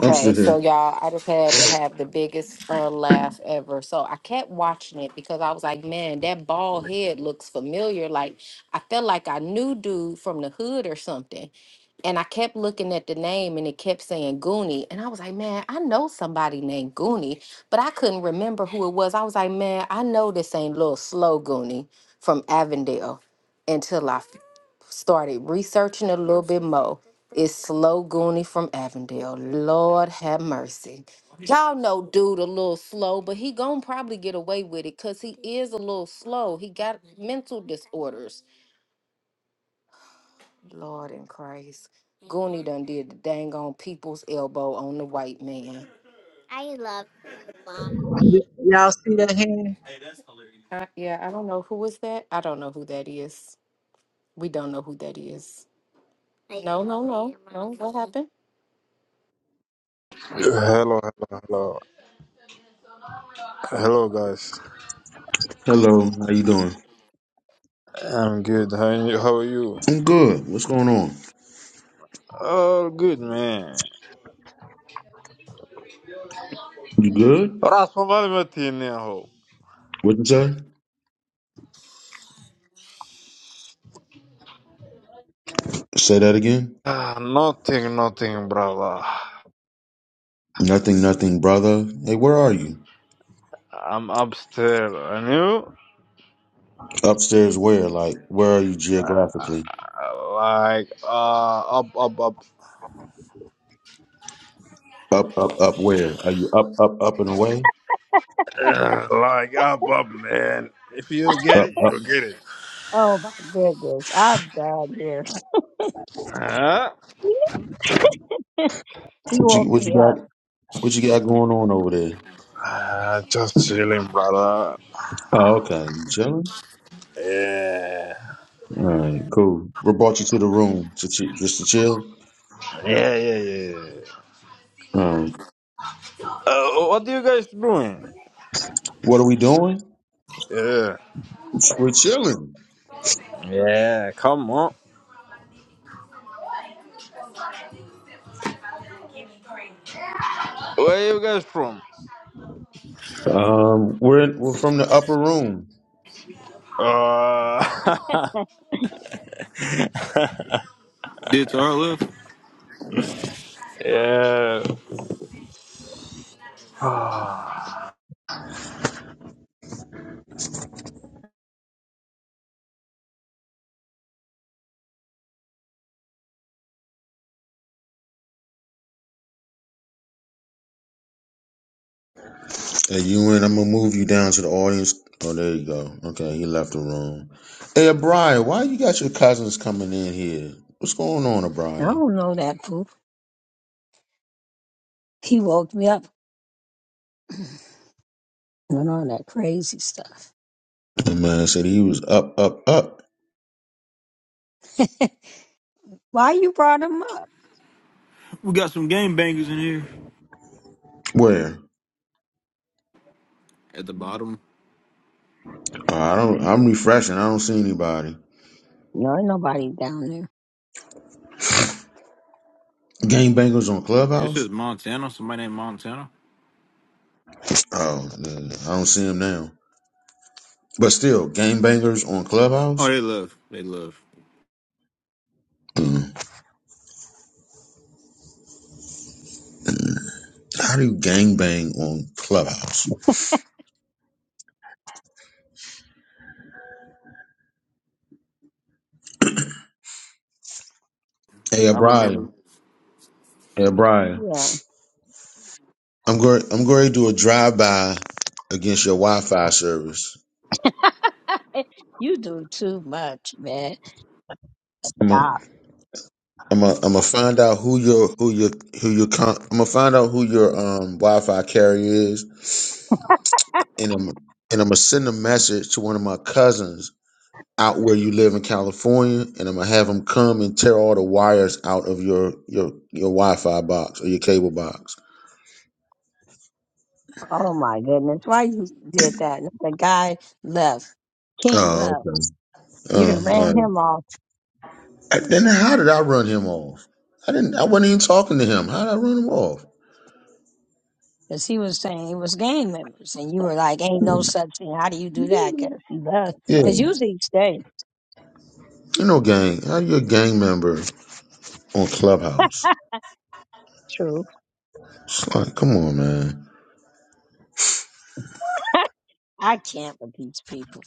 A: I'm still
C: so
A: here.
C: y'all, I just had to have the biggest uh, laugh ever. So I kept watching it because I was like, man, that bald head looks familiar. Like I felt like I knew dude from the hood or something And I kept looking at the name and it kept saying Goonie. And I was like, man, I know somebody named Goonie, but I couldn't remember who it was. I was like, man, I know this ain't little slow Goonie from Avondale until I f- started researching a little bit more. It's slow Goonie from Avondale. Lord have mercy. Y'all know dude a little slow, but he gonna probably get away with it because he is a little slow. He got mental disorders. Lord in Christ. Goonie done did the dang on people's elbow on the white man.
F: Y'all see that hand?
C: I, yeah, I don't know who is that. I don't know who that is. We don't know who that is. No, no, no, no. What happened?
H: Hello, hello, hello, hello, guys.
A: Hello, how you doing?
H: I'm good. How are you? How are you?
A: I'm good. What's going on?
H: All good, man.
A: You good?
H: راس مالي متين يا هو.
A: What you say? Say that again.
H: Ah, Nothing, nothing, brother.
A: Nothing, nothing, brother. Hey, where are you?
H: I'm upstairs, and you?
A: Upstairs where? Like, where are you geographically?
H: Like, uh, up, up, up.
A: Up, up, up where? Are you up, up, up and away?
H: (clears throat) Ah, Like, up, up, man. If you get
A: Up,
H: it,
A: up.
H: you get it.
G: Oh my goodness, I've died here.
H: Huh?
G: (laughs) he
A: What you
G: woke
A: what you
G: me up.
A: got what you got going on over there?
H: Ah, just chilling, brother.
A: Oh, okay. You chilling?
H: Yeah.
A: All right, cool. What brought you to the room? To ch- just to chill?
H: Yeah, yeah, yeah. yeah.
A: All right.
H: Uh, what are you guys doing?
A: What are we doing?
H: Yeah.
A: We're chilling.
H: Yeah, come on. Where you guys from?
A: Um, We're in, we're from the upper room.
H: Uh,
E: Did to our left.
H: (laughs) yeah.
A: Hey, you in? I'm gonna move you down to the audience. Oh, there you go. Okay, he left the room. Hey, Brian, why you got your cousins coming in here? What's going on,
G: I
A: Brian?
G: don't know that poop. He woke me up. (clears throat) Went on that crazy stuff.
A: The man said he was up, up, up.
G: (laughs) Why you brought him up?
E: We got some game bangers in here.
A: Where?
E: At the bottom.
A: Oh, I don't. I'm refreshing. I don't see anybody.
G: No, ain't nobody down there.
A: Gangbangers on
E: It
A: Clubhouse.
E: says Montana. Somebody named Montana.
A: Oh, man, I don't see him now. But still, gangbangers on
E: Oh,
A: Clubhouse?
E: they love. They love.
A: Mm. How do you gangbang on Clubhouse? Hey,
E: I
A: O'Brien.
E: remember.
A: Hey, O'Brien.
G: Yeah,
A: I'm going. I'm going to do a drive by against your Wi-Fi service.
G: (laughs) you do too much, man.
A: I'm gonna.
G: Stop.
A: am going am gonna find out who your who your who your. Con- I'm gonna find out who your um Wi-Fi carrier is, and I'm and I'm gonna send a message to one of my cousins out where you live in California, and I'm gonna have them come and tear all the wires out of your your your Wi-Fi box or your cable box.
G: Oh my goodness. Why you did that? The guy left. King
A: Oh,
G: left.
A: okay.
G: You
A: Uh,
G: done
A: all
G: ran
A: right.
G: him off.
A: I- Then how did I run him off? I didn't. I wasn't even talking to him. How did I run him off?
G: Because he was saying it was gang members, and you were like, "Ain't no such thing." How do you do that?
A: Yeah,
G: Because usually you stay
A: you know, gang. How you a gang member on Clubhouse?
G: true.
A: It's like, come on, man.
G: (laughs) I can't with these people.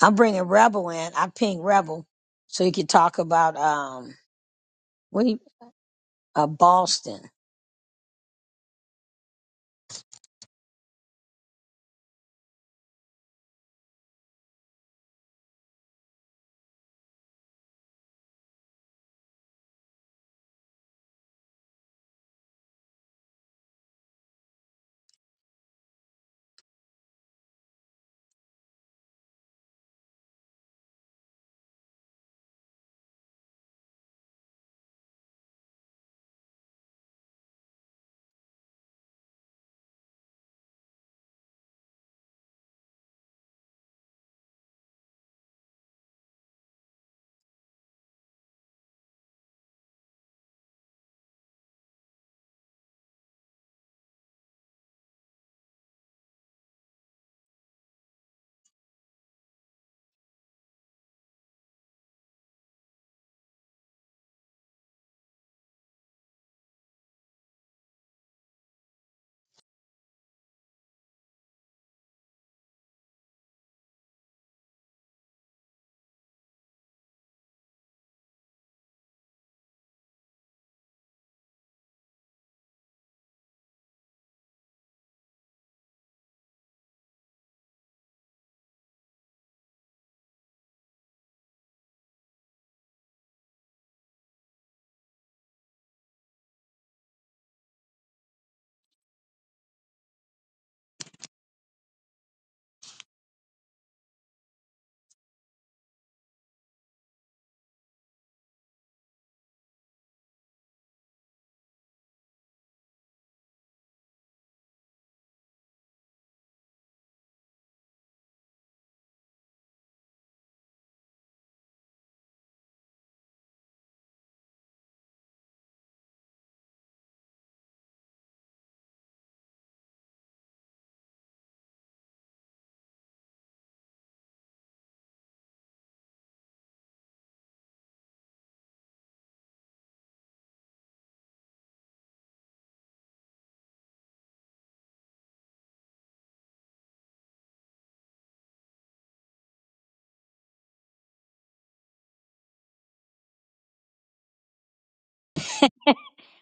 G: I'm bringing Rebel in. I ping Rebel so he could talk about um what he, uh, Boston.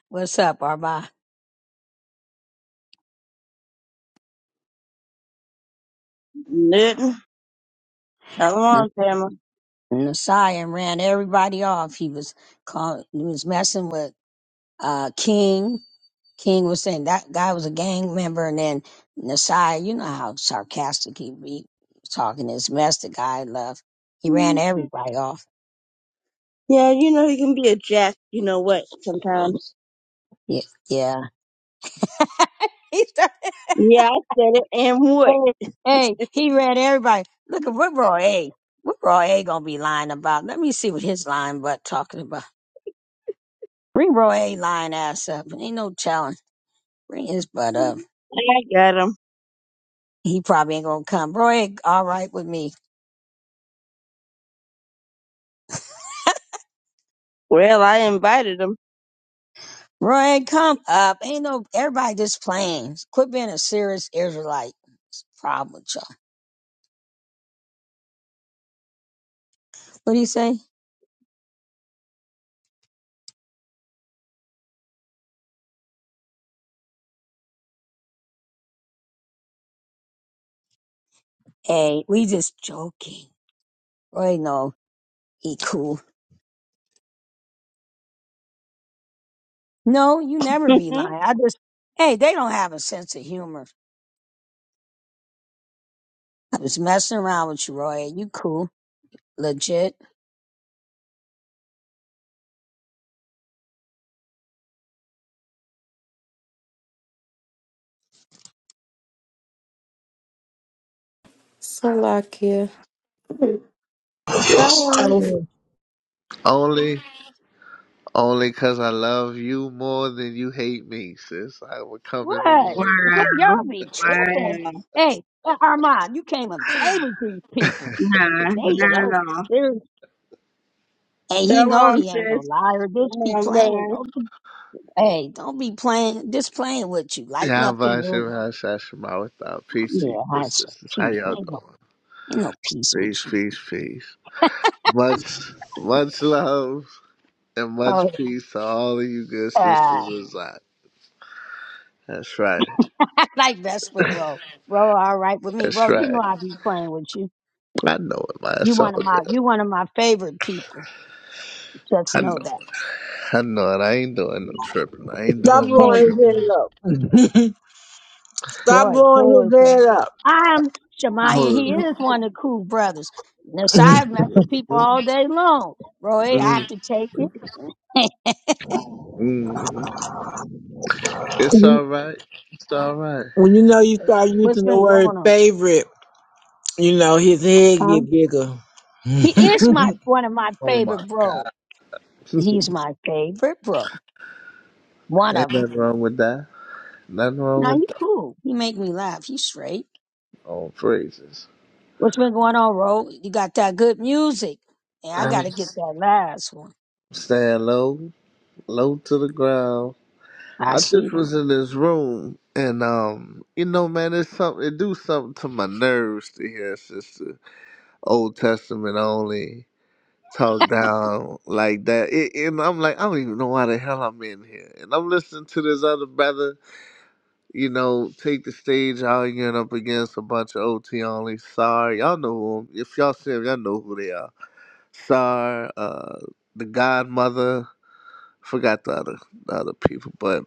G: What's up, Arba?
I: Nothing. Shalom, family.
G: Nasai and ran everybody off. He was call, he was messing with uh King. King was saying that guy was a gang member, and then Nasai, you know how sarcastic he be talking his mess. The guy left. He ran everybody off.
I: Yeah, you know he can be a jack. You know what? Sometimes.
G: Yeah, yeah. (laughs) He started.
I: Yeah, I said it. And what?
G: Hey, hey, he ran everybody. Look at what Roy A. What Roy A. gonna be lying about? Let me see what his lying butt talking about. Bring Roy A. lying ass up. Ain't no challenge. Bring his butt up.
I: I got him.
G: He probably ain't gonna come. Roy, A. all right with me.
I: Well, I invited him.
G: Roy, come up. Ain't no everybody just playing. Quit being a serious Israelite. It's a problem with y'all. What do you say? Hey, we just joking. Roy, no, he cool. No, you
I: (laughs)
G: never be lying.
I: wow.
G: I just hey, they don't have a sense of humor. I was messing around with you, Roy. You cool. Legit.
C: Salakia.
F: Shalom.
J: Only, only 'cause I love you more than you hate me, sis. I would come in the
G: What?
J: room.
G: Can y'all be tripping?
I: Wow.
G: Hey, uh, Armand, you came and played with these people.
I: Nah,
G: They you
I: not
G: know,
I: at all.
G: serious. are and he know
I: Shalom,
G: he ain't no
I: sis.
G: liar. Just be
I: Shalom,
G: playing.
I: brother.
G: Hey, don't be playing, just playing with you.
J: (laughs)
G: Lighten up the mood.
J: Yabashimashashima without peace to
G: Yeah,
J: you,
G: I said
J: sis. sis. How
G: peace.
J: y'all
G: Ain't no,
J: doing?
G: ain't no peace with
J: Peace,
G: you.
J: peace, peace. Much, much love and
G: Oh,
J: much peace to all of you good
G: uh, (laughs) I
J: sisters inside. That's right.
G: like Vesper, bro. Bro, all right with me,
J: That's
G: bro. You
J: right.
G: know I be playing with you.
J: I know it, man.
G: You
J: It's all
G: one of
J: good.
G: my, you one of my favorite people. Just
J: I
G: know
J: know.
G: that.
J: I know it. I ain't doing no tripping. I ain't
F: Stop
J: doing no
G: Thank
F: blowing his
J: tripping.
F: head up. Stop
G: Roy
F: blowing his
G: Harrison.
F: head up.
G: I'm Shemai,
J: I
G: and
J: was,
G: he is one of the cool brothers. Nasai mess with people
J: mm,
G: all day long. Roy, I
J: mm,
G: can take it. (laughs)
J: mm. It's all right. It's all right.
F: When you know you start
G: What's
F: using the
G: been
F: word
G: going on?
F: favorite, you know his head
G: Huh?
F: get bigger.
G: He is my one of my
J: Oh
G: favorite
J: my.
G: bros.
J: (laughs)
G: He's my favorite bro. One
J: Ain't
G: of them.
J: nothing wrong with that. Nothing wrong
G: Now
J: with
G: he
J: that.
G: cool. He make me laugh. He's straight.
J: Oh, praises.
G: What's been going on, Ro? You got that good music. And I
J: I'm
G: gotta
J: just
G: get that last one.
J: staying low, low to the ground.
G: I
J: I just
G: see.
J: was in this room, and um, you know, man, it's something. It do something to my nerves to hear sister Old Testament only talk down like that. It, and I'm like, I don't even know why the hell I'm in here. And I'm listening to this other brother you know, take the stage out again up against a bunch of OT only. Sorry, y'all know who 'em- If y'all see 'em, y'all know who they are. Sorry, uh, the Godmother. Forgot the other the other people, but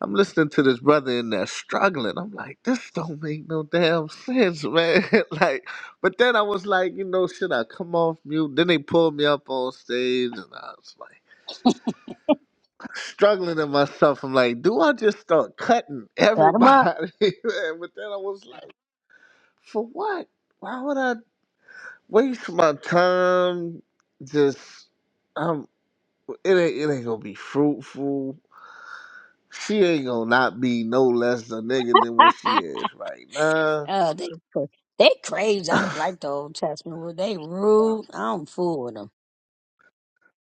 J: I'm listening to this brother in there struggling. I'm like, this don't make no damn sense, man. (laughs) like, but then I was like, you know, should I come off mute? Then they pulled me up on stage, and I was like struggling in myself. I'm like, do I just start cutting
G: Cut him up.
J: everybody? (laughs) Man, but then I was like. For what? Why would I waste my time? Just um, it ain't it ain't gonna be fruitful. She ain't gonna not be no less a nigga than what she is right now.
G: Oh, they cra- they crazy. I'm like the Old Testament. Were they rude?
J: (clears throat)
G: I don't fool with them.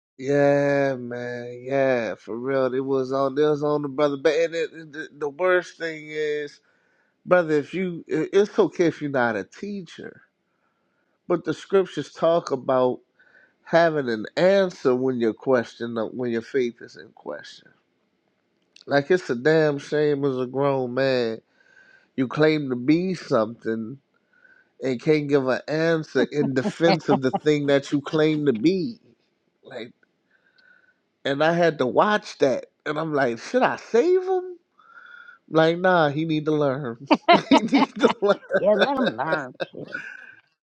J: (sighs) yeah, man. Yeah, for real. It was on. It was on the brother. But and it, it- the, the worst thing is, brother, if you, it- it's okay if you're not a teacher, but the scriptures talk about having an answer when your question, when your faith is in question. Like it's a damn shame as a grown man. You claim to be something and can't give an answer in defense of the thing that you claim to be. Like and I had to watch that. And I'm like, should I save him? Like, nah, he need to learn. (laughs) he need to learn.
G: Yeah, let them learn shit.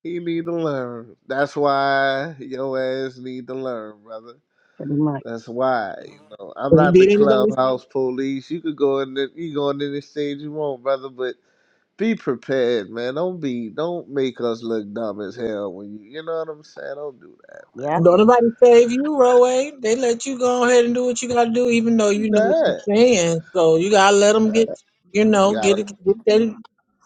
J: He need to learn. That's why your ass need to learn, brother.
G: Pretty much.
J: That's why. You know, I'm not the
F: Did anybody
J: clubhouse police. You could go in the, you go in any stage you want, brother, but. be prepared, man. Don't be don't make us look dumb as hell when you you know what I'm saying. Don't do that.
G: Yep.
F: Don't nobody save you, Roe. They let you go ahead and do what you gotta do, even though you know what you're
J: That
F: saying. So you gotta let them get, you know,
J: gotta
F: get it, get their,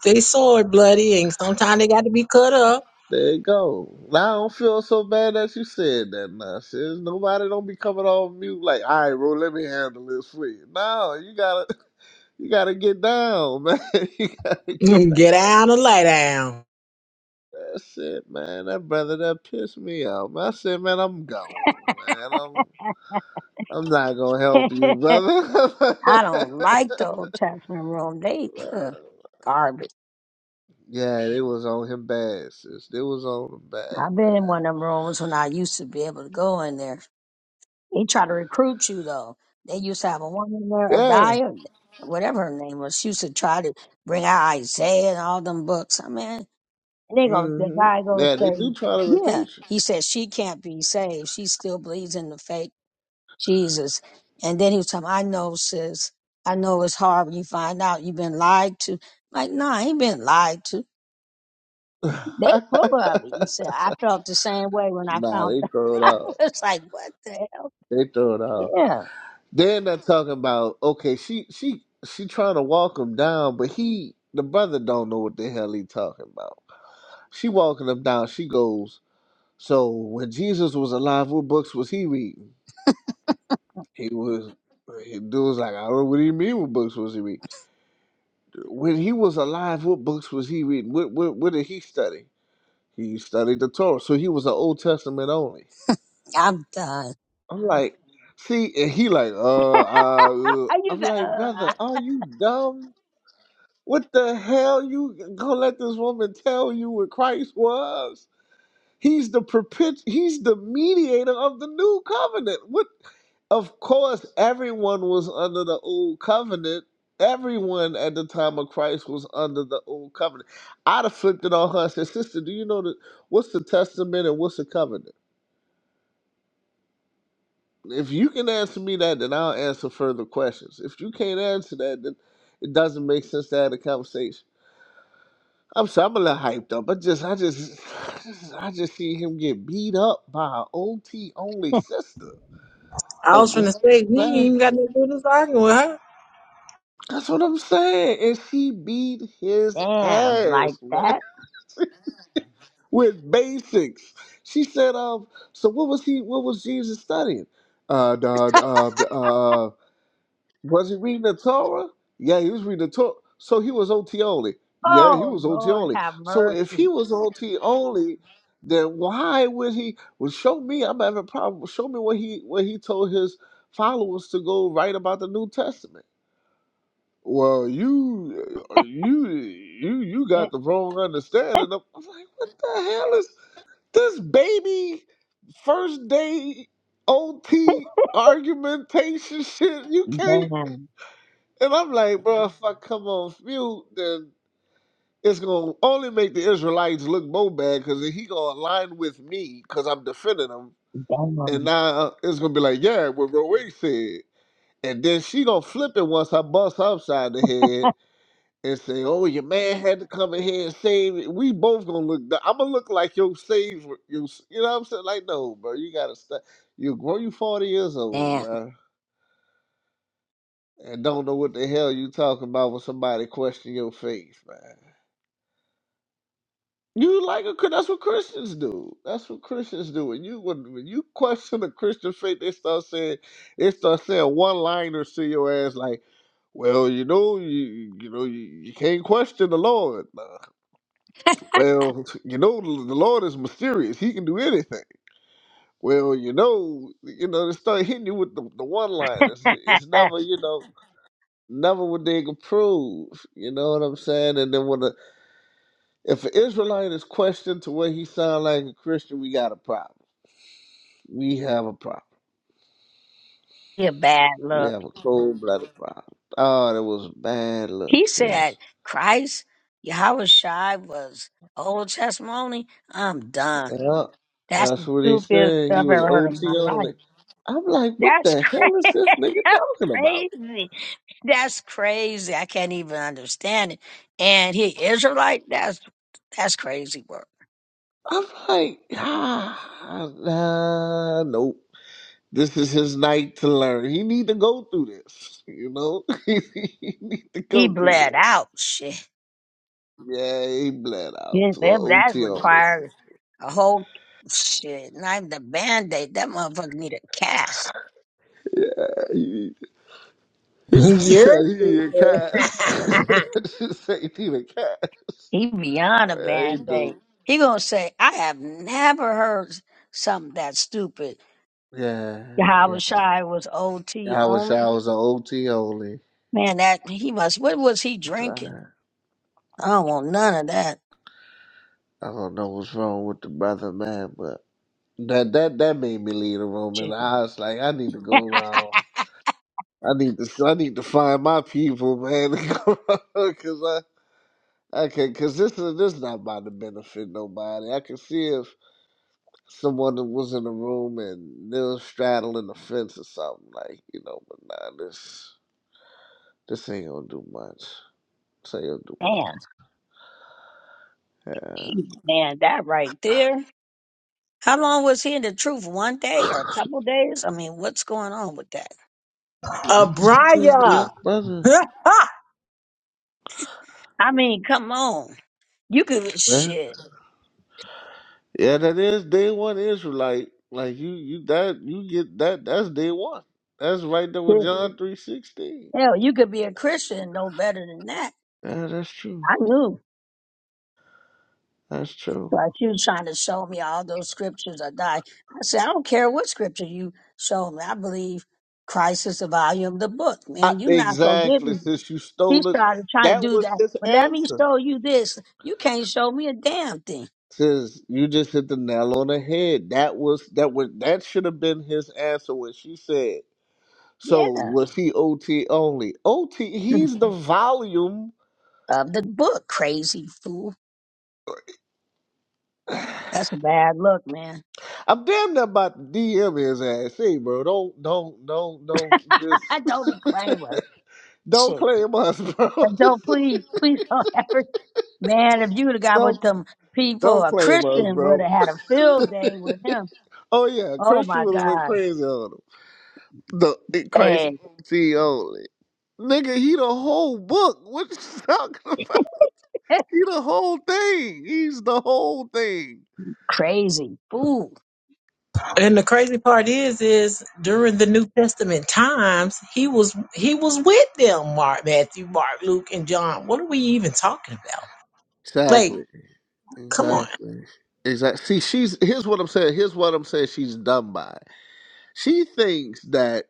F: they sword bloody, and sometimes they got to be cut up.
J: there you go. Now I don't feel so bad that you said that nonsense. Nobody don't be coming off mute like, all right, bro, let me handle this for you. No, you gotta (laughs) you gotta get down, (laughs) man. you gotta
F: (laughs)
J: get
F: get
J: down.
F: down and lay down.
J: That's it, man. That brother that pissed me off. Man. I said, man, I'm gone, man. I'm I'm not gonna help you,
G: (laughs)
J: brother.
G: I don't like the Old Testament room. They
J: (laughs)
G: uh, garbage.
J: Yeah, they was on him bad, sis. They was on him bad,
G: I've been in one of them rooms when I used to be able to go in there. They try to recruit you though. They used to have a woman there, a
J: man. Yeah.
G: Dyer, whatever her name was. She used to try to bring out Isaiah and all them books. I mean, and they go, the
J: hmm
G: guy goes
J: Yeah, they
G: say,
J: do try to
G: yeah.
J: recruit you.
G: He said she can't be saved. She still believes in the fake Jesus. And then he was telling, me, I know, sis. I know it's hard when you find out you've been lied to. Like, nah, I ain't been lied to.
J: (laughs)
G: They full of it. He said, I felt the same way when I
J: nah,
G: found (laughs)
J: they
G: out.
J: throw it
G: I
J: off.
G: was like, what the hell?
J: They throw it off.
G: Yeah,
J: Then they're talking about okay, she she she trying to walk him down, but he the brother don't know what the hell he talking about. She walking him down. She goes, so when Jesus was alive, what books was he reading? He was. He dude was like, I don't know what he mean. What books was he reading? when he was alive, what books was he reading? What what, what did he study? He studied the Torah, so he was an Old Testament only.
G: I'm done.
J: I'm like, see, and he like, uh, uh, uh.
G: I
J: I'm
G: used to,
J: like, brother, are you dumb? What the hell? You gonna let this woman tell you what Christ was? He's the propit- he's the mediator of the new covenant. What of course everyone was under the old covenant. Everyone at the time of Christ was under the old covenant. I'd have flipped it on her and said, Sister, do you know that what's the testament and what's the covenant? If you can answer me that, then I'll answer further questions. If you can't answer that, then it doesn't make sense to have a conversation. I'm sorry, I'm a little hyped up. I just I just I just, I just see him get beat up by an OT only
G: uh,
J: sister.
F: I
J: A
F: was
J: grown
F: finna say, he ain't
J: man.
F: even got nothing to do with this arguing with her.
J: That's what I'm saying. And she beat
G: (laughs)
J: his
G: damn, like
J: ass, man, (laughs)
G: that.
J: with basics. She said, um, so what was he, what was Jesus studying? Uh, the, uh, the, uh, was he reading the Torah? Yeah, he was reading the Torah. So he was OT only. Yeah, he
G: Oh,
J: was OT
G: Lord,
J: only.
G: have
J: So if he
G: mercy.
J: was OT only, then why would he, well, show me, I'm having a problem. Show me what he, what he told his followers to go write about the New Testament. Well, you, uh, you, you, you got
G: (laughs)
J: the wrong understanding. Of, I'm like, what the hell is this baby first day OT argumentation (laughs) shit? You can't.
G: Damn,
J: And I'm like, bro, if I come on mute, then it's gonna only make the Israelites look more bad because he gonna align with me because I'm defending him,
G: damn,
J: and now it's gonna be like, yeah, what Roe said, and then she gonna flip it once I bust her upside the head and say, "Oh, your man had to come in here and save it," we both gonna look. I'm gonna look like your save you. You know what I'm saying? Like, no, bro, you gotta stop. You grow. You 40 years old,
G: damn.
J: bro, and don't know what the hell you talking about when somebody question your faith, man. You like a Chri- that's what Christians do. That's what Christians do. When you when, when you question the Christian faith, they start saying they start saying one liners to your ass like, well, you know, you you know, you, you can't question the Lord. Nah, Well, you know, the Lord is mysterious. He can do anything. Well, you know, you know, they start hitting you with the, the one liners. It's
G: (laughs)
J: never, you know, never would they approve. You know what I'm saying? And then when the, if an Israelite is questioned to where he sound like a Christian, we got a problem. We have a problem.
G: you bad
J: We
G: look.
J: have a cold blooded problem. Oh, that was bad luck,
G: He said,
J: sis.
G: Christ, Yahweh Shai was Old Testimony. I'm done.
J: Yeah,
G: That's
J: that's
G: the
J: what he
G: stupidest
J: said. He
G: stuff I've
J: was
G: ever heard in my
J: OT only.
G: life.
J: I'm like, what
G: That's
J: the hell is this nigga
G: crazy. (laughs)
J: talking about?
G: That's crazy. That's crazy. I can't even understand it. And he Israelite, that's that's crazy work.
J: I'm like, ah, nah, nope. This is his night to learn. He need to go through this, you know. (laughs) he need to
G: He
J: go through
G: bled
J: this.
G: out. Shit.
J: Yeah, he bled out
G: Yes,
J: to an
G: that that
J: OT on this.
G: required a whole shit. Not even a band aid. That motherfucker need a cast.
J: Yeah, he, (laughs)
F: (laughs)
J: she
F: You're
J: said he in
F: stupid.
J: cash. (laughs) she said he in cash.
G: He beyond a
J: Yeah, he
G: band
J: do.
G: aid. He gonna say, I have never heard something that stupid.
J: Yeah, yeah.
G: Yahweh Shai was OT
J: I wish
G: only.
J: I was an OT only.
G: Man, that he must. What was he drinking?
J: I
G: I don't want none of that.
J: don't know what's wrong with the brother, man, but. That that that made me leave the room, and
G: shit.
J: I was like, I need to
G: (laughs)
J: go around. I need to I need to find my people, man, (laughs) because I. I can, cause this is this not about to benefit nobody. I can see if someone that was in the room and they was straddling the fence or something like, you know. But nah, this this ain't gonna do much. This ain't
G: Damn,
J: gonna
G: he, man, that right there. How long was he in the truth? One day or a couple days? I mean, what's going on with that?
J: do much. Yeah,
F: Abria.
J: brother.
F: (laughs)
G: I mean, come on. You could shit.
J: Yeah, that is day one Israelite. Like you, you that you get that. That's day one. That's right there with John three sixteen.
G: Hell, you could be a Christian no better than that.
J: Yeah, that's true.
G: I knew.
J: That's true.
G: But you trying to show me all those scriptures I die. I said, I don't care what scripture you show me. I believe Christ is the volume of the book,
J: Not
G: man. you not gonna get
J: exactly,
G: me.
J: since you
G: He
J: stole it.
G: started trying to
J: That
G: do
J: was
G: that.
J: his
G: But let me
J: answer.
G: show you this. You can't show me a damn thing.
J: Says you just hit the nail on the head. That was that was that should have been his answer when she said.
G: Yeah.
J: So was he OT only? OT.
G: (laughs)
J: He's the volume.
G: Of the book, crazy fool. That's a bad look, man.
J: I'm damn near about to DM his ass. Hey, bro, don't don't don't don't just
G: (laughs) don't reclaim us.
J: Don't
G: Shit.
J: claim us, bro.
G: And
J: (laughs) Just
G: don't please, please don't (laughs) ever, man, if you would have got
J: don't
G: with them people,
J: don't
G: a
J: claim us,
G: Christian would
J: bro.
G: have had a
J: (laughs)
G: field day with him.
J: Oh yeah,
G: Oh
J: Christian
G: my
J: would have went
G: God.
J: crazy on him. The eh, Christ
G: Hey,
J: OT only. Nigga, he the whole book. What you (laughs) talking about?
G: (laughs)
J: He the whole thing. He's the whole thing.
G: crazy fool.
F: And the crazy part is, is during the New Testament times, he was he was with them. Mark, Matthew, Mark, Luke, and John. What are we even talking about? Like,
J: Exactly.
F: come on.
J: Exactly. Exactly. See, she's here's what I'm saying. Here's what I'm saying. She's done by. She thinks that.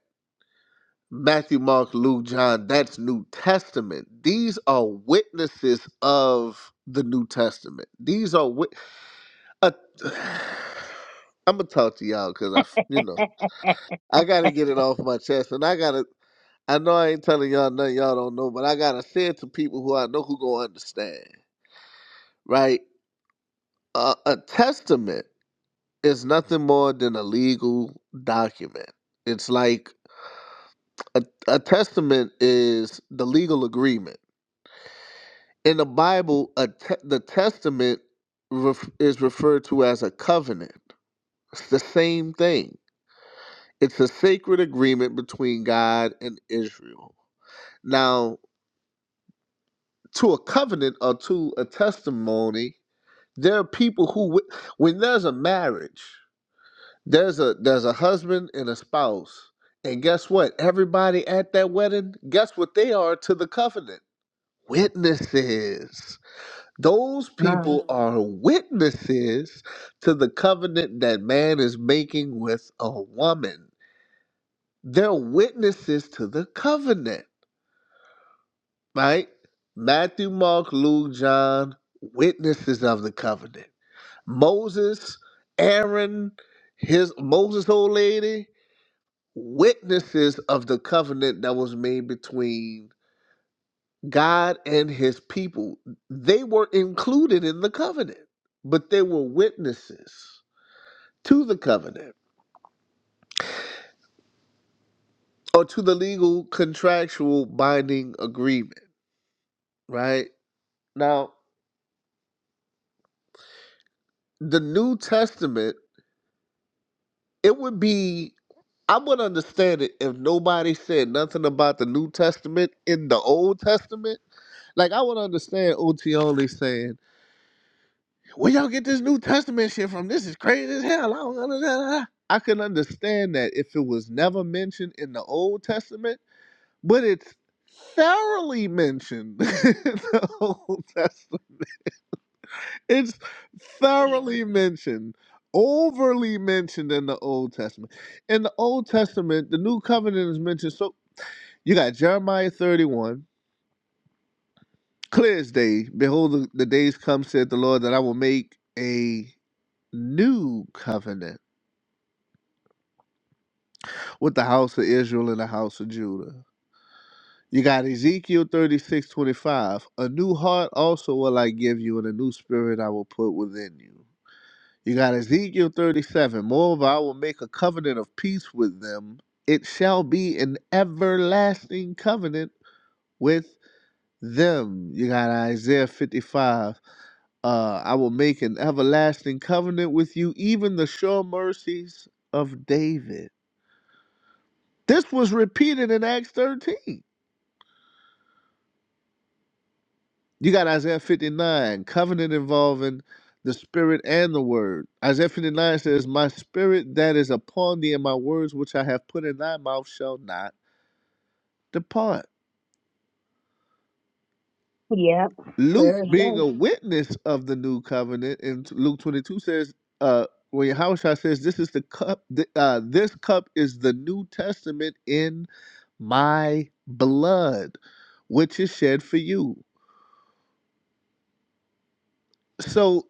J: Matthew, Mark, Luke, John, that's New Testament. These are witnesses of the New Testament. These are wit- uh, (sighs) I'm gonna talk to y'all because I, f- you know,
G: (laughs)
J: I gotta get it off my chest, and I gotta. I know I ain't telling y'all nothing y'all don't know, but I gotta say it to people who I know who gonna understand. Right? Uh, a testament is nothing more than a legal document. It's like a, a testament is the legal agreement in the Bible, a te- the testament ref- is referred to as a covenant. It's the same thing. It's a sacred agreement between God and Israel. Now, to a covenant or to a testimony, there are people who, wi- when there's a marriage, there's a there's a husband and a spouse, and guess what? Everybody at that wedding, guess what they are to the covenant? Witnesses Those
G: Um,
J: people Mhm. are witnesses to the covenant that man is making with a woman. They're witnesses to the covenant, right? Matthew, Mark, Luke, John, witnesses of the covenant. Moses, Aaron, his Moses' old lady, witnesses of the covenant that was made between God and his people. They were included in the covenant, but they were witnesses. to the covenant or to the legal contractual binding agreement, right? Now, the New Testament, it would be, I would understand it if nobody said nothing about the New Testament in the Old Testament. Like, I would understand OT only saying, where y'all get this New Testament shit from? This is crazy as hell. I don't understand. I can understand that if it was never mentioned in the Old Testament, but it's thoroughly mentioned (laughs) in the Old Testament It's thoroughly mentioned, overly mentioned in the Old Testament. In the Old Testament, the New Covenant is mentioned. So you got Jeremiah 31, clear as day. Behold, the, the days come, said the Lord, that I will make a new covenant with the house of Israel and the house of Judah. You got Ezekiel 36 25. A new heart also will I give you, and a new spirit I will put within you. You got Ezekiel 37. Moreover, I will make a covenant of peace with them. It shall be an everlasting covenant with them. You got Isaiah 55. Uh, I will make an everlasting covenant with you, even the sure mercies of David. This was repeated in Acts 13. You got Isaiah 59, covenant involving the spirit and the word. Isaiah 59 says, My spirit that is upon thee and my words which I have put in thy mouth shall not depart.
G: yep,
J: Luke,
G: clear as
J: being a
G: day.
J: witness of the new covenant, in Luke 22 says, uh, when Yahushua says, This is the cup, th- uh, this cup is the New Testament in my blood, which is shed for you. So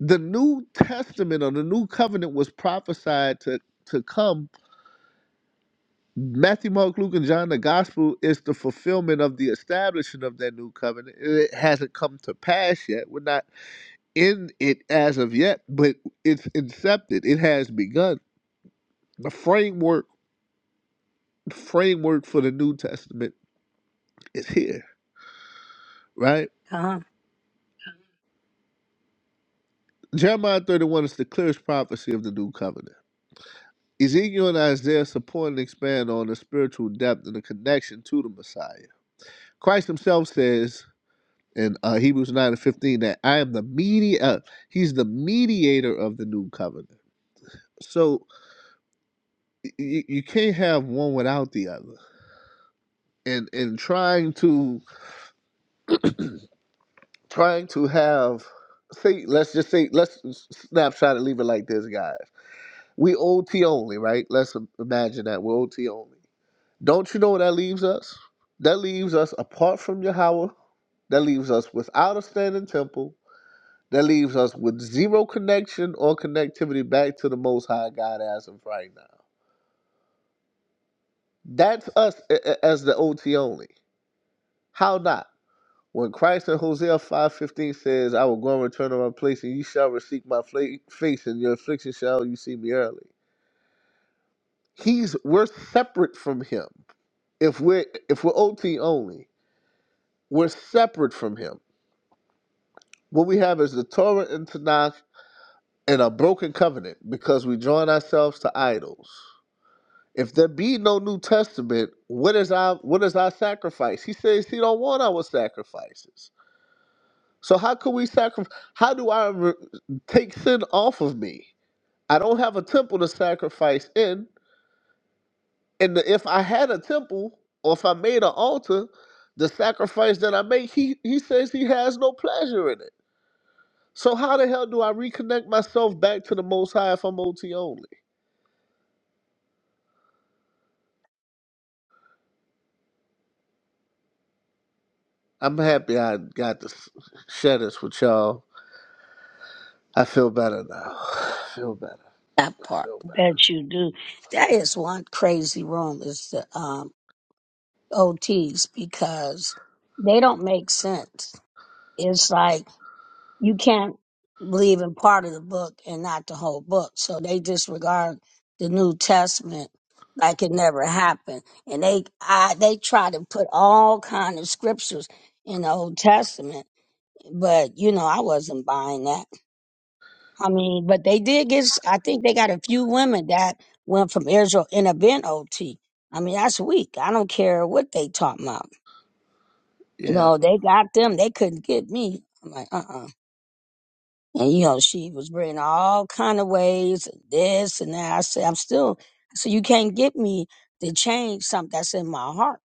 J: the New Testament or the New Covenant was prophesied to, to come. Matthew, Mark, Luke, and John, the gospel is the fulfillment of the establishment of that new covenant. It hasn't come to pass yet. We're not in it as of yet, but it's incepted. It has begun. The framework framework for the New Testament is here, right?
G: Huh?
J: Jeremiah 31 is the clearest prophecy of the new covenant. Ezekiel and Isaiah support and expand on the spiritual depth and the connection to the Messiah. Christ himself says in uh, Hebrews 9 and 15 that I am the media uh, he's the mediator of the new covenant. So you, you can't have one without the other. And and trying to trying to have say let's just say let's s- snapshot and leave it like this guys. We OT only, right? Let's im- imagine that we're OT only. Don't you know what that leaves us? That leaves us apart from Yahweh. That leaves us without a standing temple That leaves us with zero connection or connectivity back to the Most High God as of right now. That's us as the OT only. How not? When Christ in Hosea 5.15 says, I will go and return to my place, and you shall receive my fla- face, and your affliction shall you see me early. He's we're separate from him. If we're if we're OT only, we're separate from him. What we have is the Torah and Tanakh and a broken covenant because we join ourselves to idols. If there be no New Testament, what is our what is our sacrifice? He says he don't want our sacrifices. So how could we sacrifice? How do I re- take sin off of me? I don't have a temple to sacrifice in, and the, if I had a temple or if I made an altar, the sacrifice that I make, he he says he has no pleasure in it. So how the hell do I reconnect myself back to the Most High if I'm OT only? I'm happy I got to s- share this with y'all. I feel better now. (sighs) I feel better.
G: That
J: I
G: part.
J: feel better.
G: Bet you do. That is one crazy room is the um, OTs because they don't make sense. It's like, you can't believe in part of the book and not the whole book. So they disregard the New Testament like it never happened. And they I, they try to put all kind of scriptures in the Old Testament, but you know I wasn't buying that. I mean, but they did get. s- I think they got a few women that went from Israel and have been OT. I mean, that's weak. I don't care what they talking about. You
J: Yeah.
G: know, they got them. They couldn't get me. I'm like, uh-uh. And you know, she was bringing all kind of ways, this and that. I said, I'm still, I said, you can't get me to change something that's in my heart.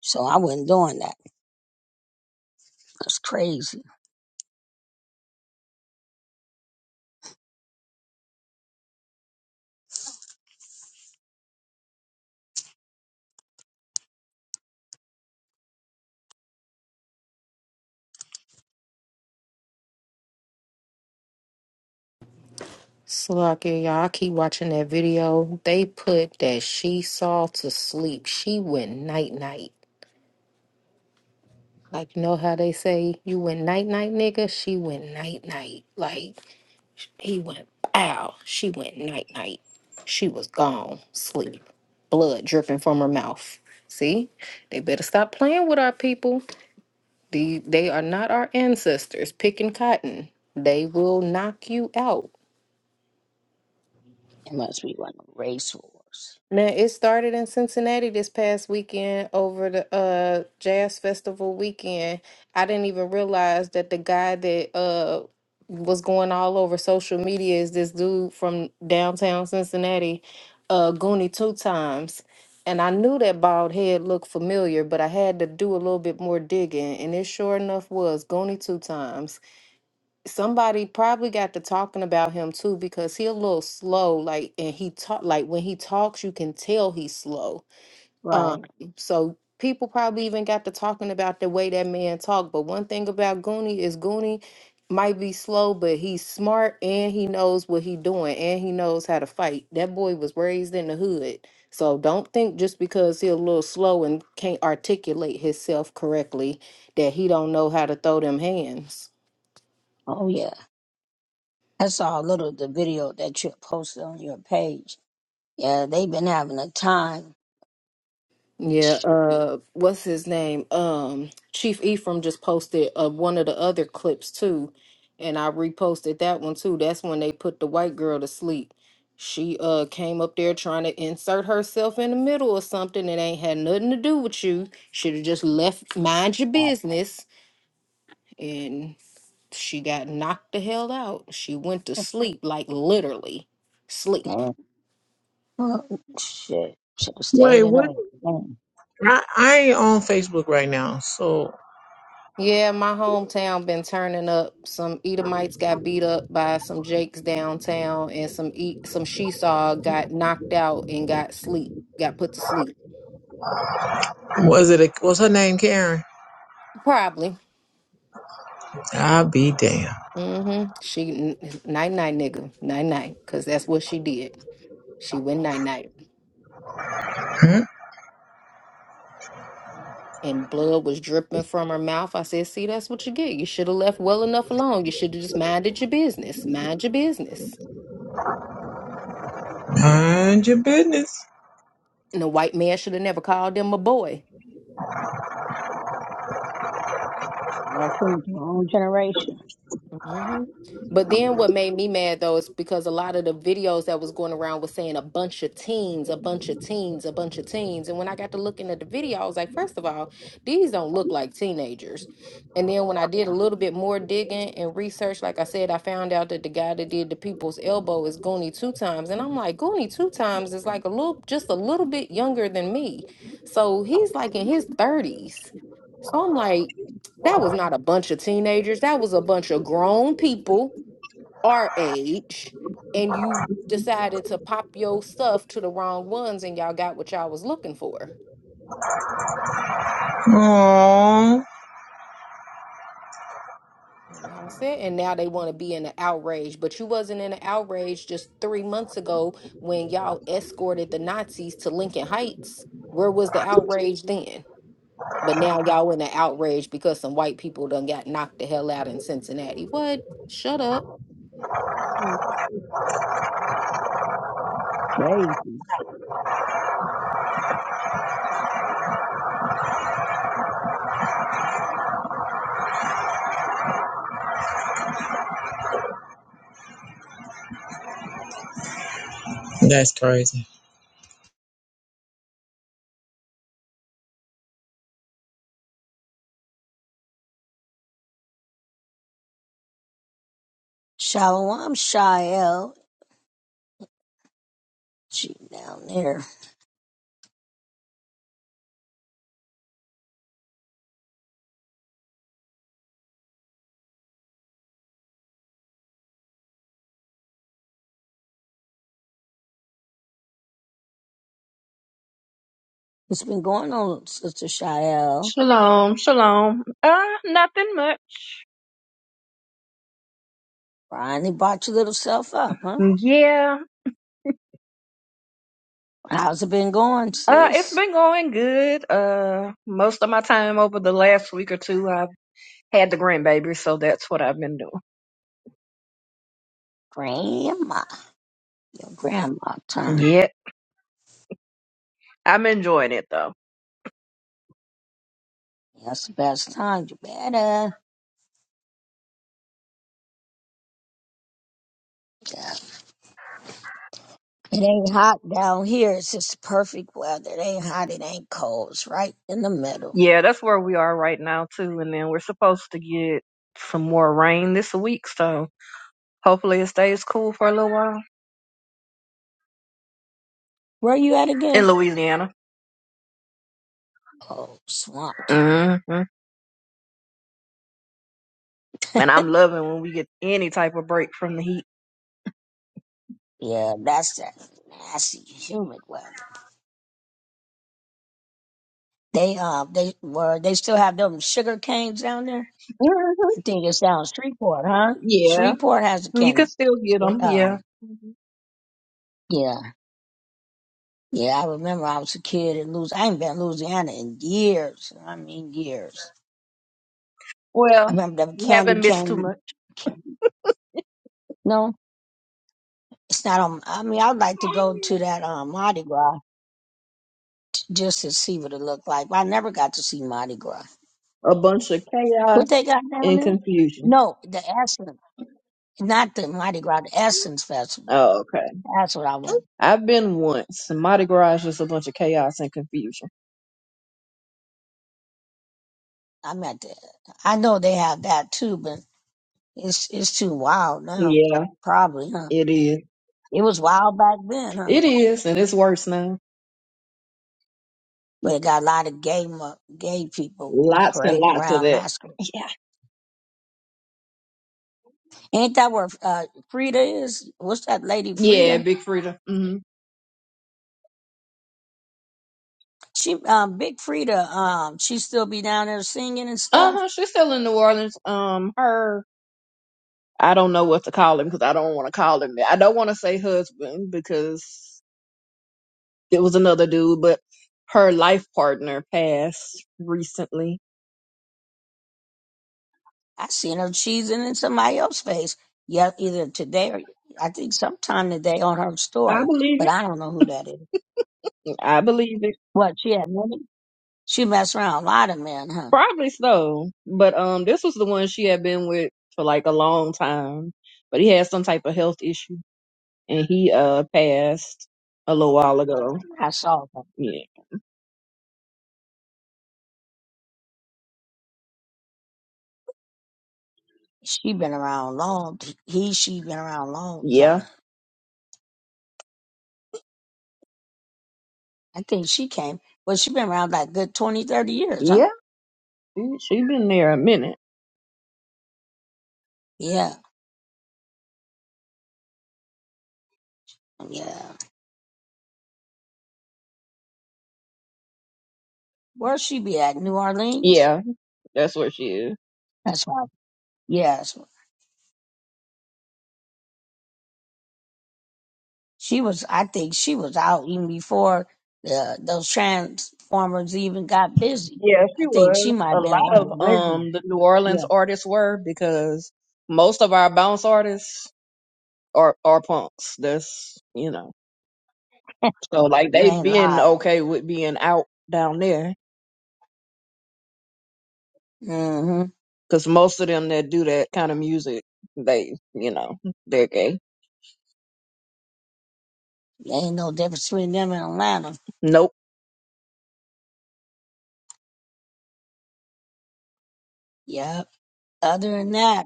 G: So I wasn't doing that. That's crazy.
C: Salakia, y'all I keep watching that video. They put that she saw to sleep. She went night night. Like, you know how they say you went night night, nigga? She went night night. Like, He went pow. She went night night. She was gone, sleep. Blood dripping from her mouth. See? They better stop playing with our people. The, they are not our ancestors picking cotton. They will knock you out.
G: It must be one of the race wars.
C: Man, it started in Cincinnati this past weekend over the uh jazz festival weekend. I didn't even realize that the guy that uh was going all over social media is this dude from downtown Cincinnati, uh Goonie Two Times. And I knew that bald head looked familiar, but I had to do a little bit more digging, and it sure enough was Goonie Two Times somebody probably got to talking about him too because he a little slow like and he talk like when he talks you can tell he's slow um
G: Right.
C: so people probably even got to talking about the way that man talk but one thing about goonie is goonie might be slow but he's smart and he knows what he doing and he knows how to fight that boy was raised in the hood so don't think just because he a little slow and can't articulate himself correctly that he don't know how to throw them hands
G: Oh yeah. I saw a little of the video that you posted on your page. Yeah, they've been having a time.
C: Yeah,
G: Shit.
C: uh, what's his name? Um, Chief Ephraim just posted uh, one of the other clips too, and I reposted that one too. That's when they put the white girl to sleep. She uh came up there trying to insert herself in the middle or something. It ain't had nothing to do with you. Should have just left, mind your business, and she got knocked the hell out. She went to sleep, like literally sleep.
G: goddamn. Oh, Shit. Should have stayed
F: Wait,
G: in there.
F: what?
G: Man,
F: I, I ain't on Facebook right now. So
C: Yeah, my hometown been turning up. Some Edomites got beat up by some Jakes downtown, and some e- some Shesaw got knocked out and got sleep got put to sleep.
F: was it? A, was her name Karen?
C: Probably.
F: I'll be damned.
C: Mm-hmm. She night night nigga night night, cause that's what she did. She went night night,
F: Hmm?
C: and blood was dripping from her mouth. I said, "See, that's what you get. You should have left well enough alone. You should have just minded your business. Mind your business."
F: Mind your business.
C: And the white man should have never called him a boy.
G: That's going to our own generation.
C: hmm But then what made me mad though is because a lot of the videos that was going around was saying a bunch of teens, a bunch of teens, a bunch of teens. And when I got to looking at the video, I was like, first of all, these don't look like teenagers. And then when I did a little bit more digging and research, like I said, I found out that the guy that did the people's elbow is Goonie two times. And I'm like, Goonie two times is like a little just a little bit younger than me. So he's like in his 30s. So I'm like, that was not a bunch of teenagers. That was a bunch of grown people our age. And you decided to pop your stuff to the wrong ones and y'all got what y'all was looking for.
F: Oh,
C: And That's it. And now they want to be in an outrage. But you wasn't in an outrage just three months ago when y'all escorted the Nazis to Lincoln Heights. Where was the outrage then? But now y'all in an outrage because some white people done got knocked the hell out in Cincinnati. What? Shut up.
G: Mm, Crazy.
F: that's crazy.
G: Shalom, Shael. She down there. What's been going on, Sister Shael?
K: Shalom, shalom. Uh, nothing much.
G: Finally brought your little self up, huh?
K: Yeah.
G: How's it been going,
K: Uh, it's
G: sis?
K: been going good. Uh, most of my time over the last week or two, I've had the grandbaby, so that's what I've been doing.
G: Grandma. Your grandma time.
K: Yeah. I'm enjoying it though.
G: That's the best time. You better. Yeah. It ain't hot down here. It's just perfect weather. It ain't hot. It ain't cold. It's right in the middle.
K: Yeah, that's where we are right now too. And then we're supposed to get some more rain this week, so hopefully it stays cool for a little while
G: Where you at
K: in
G: again?
K: Louisiana.
G: Oh, Swamp Town.
K: hmm And I'm loving when we get any type of break from the heat.
G: Yeah, that's that nasty, humid weather. They uh, they were they still have them sugar canes down there.
K: Mhm.
G: I think it's down Shreveport, huh?
K: Yeah.
G: Shreveport has a
K: You can
G: candy.
K: still get them,
G: Uh,
K: yeah. Mhm.
G: yeah, yeah. I remember I was a kid in Louisiana. I ain't been in Louisiana in years. I mean years. I
K: Well,
G: remember the
K: you
G: candy
K: haven't missed too
G: cane.
K: much.
G: Candy. No, it's not on. I mean, I'd like to go to that um, Mardi Gras just to see what it looked like. But I never got to see Mardi Gras.
K: A bunch of chaos
G: What they got down
K: and
G: there?
K: confusion.
G: No, the Essence, not the Mardi Gras, the Essence Festival.
K: Oh, okay.
G: That's what I want.
K: I've been once. Mardi Gras is just a bunch of chaos and confusion.
G: I meant to. I know they have that too, but It's it's too wild now,
K: Yeah,
G: probably, huh?
K: it is.
G: It was wild back then, huh?
K: It is, and it's worse now.
G: But it got a lot of gay mu- gay people
K: Lots and
G: parading
K: lots of
G: around
K: that.
G: masquerading.
K: Yeah.
G: Ain't that where uh, Frida is? What's that lady
K: Yeah,
G: Frida?
K: Big Frida. hmm
G: She um big Frida um she still be down there singing and
K: Uh
G: stuff.
K: huh. She's still in New Orleans. Um, her. I don't know what to call him because I don't want to call him that. I don't want to say husband because It was another dude, but her life partner passed recently.
G: I seen her cheesing in somebody else's face. Yeah, either today or I think sometime today on her
K: I
G: story,
K: believe
G: but
K: it.
G: I don't know who that is.
K: I believe it.
G: What she had many? She messed around a lot of men, huh?
K: Probably so. But um this was the one she had been with for like a long time. But he had some type of health issue and he uh passed a little while ago.
G: I saw her.
K: Yeah.
G: She been around long. He, she been around a long
K: Yeah.
G: time. I think she came. Well, she been around like good twenty, thirty years, huh?
K: Yeah. Mm, She been there a minute.
G: Yeah, yeah. Where she be at? New Orleans.
K: Yeah, that's where she is.
G: That's right. Yes, she was. I think she was out even before the, those transformers even got busy.
K: Yeah, she
G: I think she
K: was.
G: might
K: A
G: have been
K: lot
G: on the
K: of um
G: rhythm.
K: the New Orleans
G: Yeah,
K: artists were because most of our bounce artists are are punks. That's you know.
G: (laughs)
K: So like
G: you
K: they
G: ain't
K: been
G: lied.
K: okay with being out down there
G: Mm-hmm.
K: because most of them that do that kind of music, they you know they're gay.
G: Ain't no difference between them and Atlanta.
K: Nope.
G: Yeah. Other than that,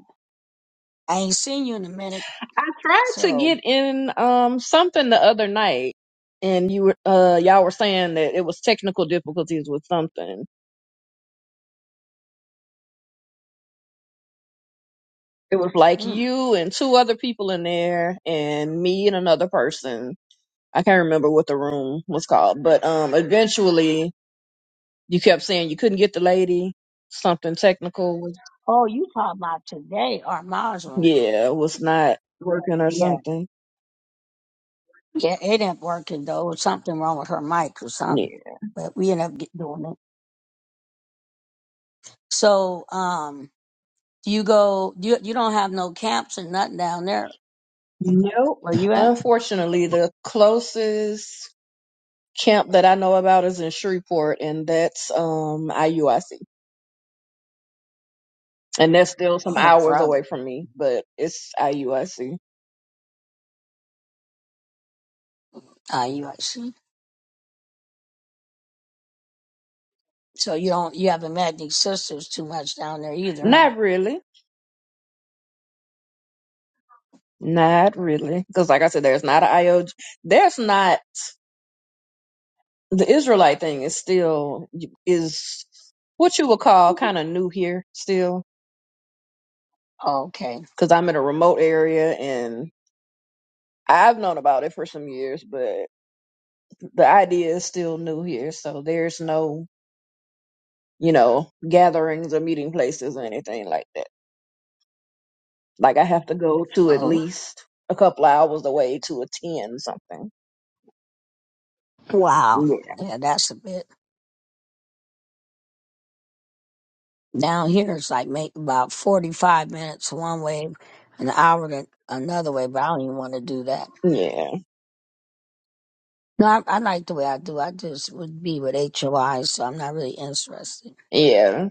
G: I ain't seen you in a minute.
K: I tried to
G: So.
K: get in um something the other night, and you were uh y'all were saying that it was technical difficulties with something. It was like
G: hmm.
K: you and two other people in there, and me and another person. I can't remember what the room was called, but um, eventually You kept saying you couldn't get the lady. Something technical was,
G: Oh, you talking about today, our Maslin.
K: yeah, was not working or
G: Yeah.
K: something.
G: Yeah, it didn't work and though. It was something wrong with her mic or something.
K: Yeah.
G: But we ended up get, doing it. So, um, do you go, you, you don't have no camps and nothing down there
K: Nope.
G: where you at?
K: Unfortunately, the closest camp that I know about is in Shreveport, and that's um IUIC. And that's still some
G: Oh,
K: hours
G: brother.
K: away from me, but it's IUIC.
G: Ah, you, I see. So you don't, you haven't met any sisters too much down there either, huh?
K: Not really. Not really. Because, like I said, there's not an IOG. There's not the Israelite thing is still is what you would call kind of new here still
G: Okay.
K: because I'm in a remote area and I've known about it for some years, but the idea is still new here. So there's no, you know, gatherings or meeting places or anything like that. Like I have to go to at
G: Oh,
K: least a couple hours away to attend something.
G: wow.
K: Yeah.
G: Yeah, that's a bit. Down here, it's like make about 45 minutes one way, an hour to another way, but I don't even want to do that.
K: Yeah.
G: No, I, I like the way I do. I just would be with HOI, so I'm not really interested
K: Yeah.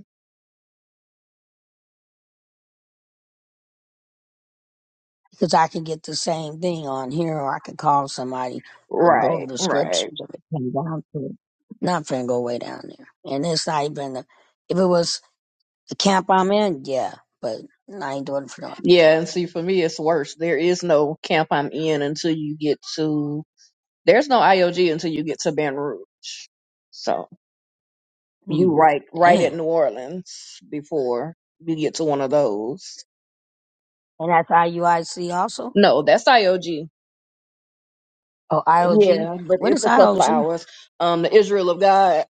G: because I can get the same thing on here, or I could call somebody and go
K: Right.
G: over the
K: Right.
G: scriptures if it came down to it. Not finna go way down there, and it's not even the, if it was the camp I'm in, yeah, but I ain't doing it for no other
K: Yeah.
G: camp.
K: And see, for me, it's worse. There is no camp I'm in until you get to, there's no IOG until you get to Baton Rouge. So. you
G: Mm,
K: right right
G: dang,
K: at New Orleans before you get to one of those.
G: and that's IUIC also.
K: No, that's IOG.
G: Oh, IOG.
K: Yeah, but
G: What
K: it's
G: is
K: a couple of
G: IOG?
K: hours. Um, the Israel of God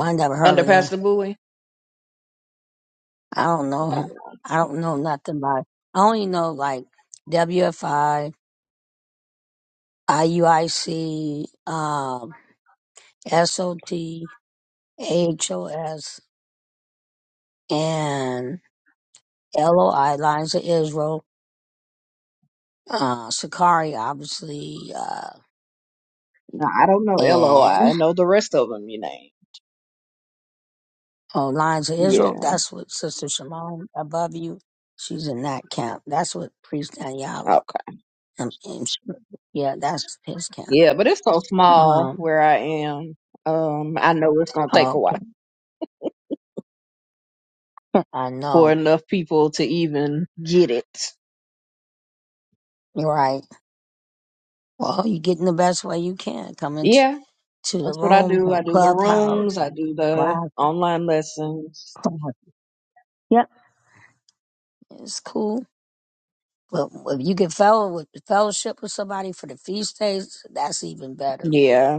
G: I never heard
K: under
G: of them.
K: Pastor Bowie.
G: I don't know him. I don't know nothing about it. I only know like WFI, um, SOT, and LOI, Lines of Israel, uh, Sakari, obviously, uh,
K: No, I don't know LOI. I
G: and
K: I know the rest of them. You name.
G: oh, Lines of Israel.
K: Yeah.
G: That's what Sister Shimon above you. She's in that camp. That's what Priest Daniela.
K: Okay.
G: And, and she- yeah, that's his camp.
K: Yeah, but it's so small
G: Um,
K: where I am. Um, I know it's gonna take a while
G: okay. I
K: for
G: know.
K: enough people to even get it.
G: You're right. Well, you're getting the best way you can. Coming t-
K: Yeah,
G: to the
K: that's what I
G: rooms
K: do. I
G: on
K: do the
G: Clubhouse
K: rooms. I
G: and
K: do the
G: class,
K: online lessons.
G: class. Yep. It's cool. But if you can fellow with, fellowship with somebody for the feast days, that's even better.
K: Yeah,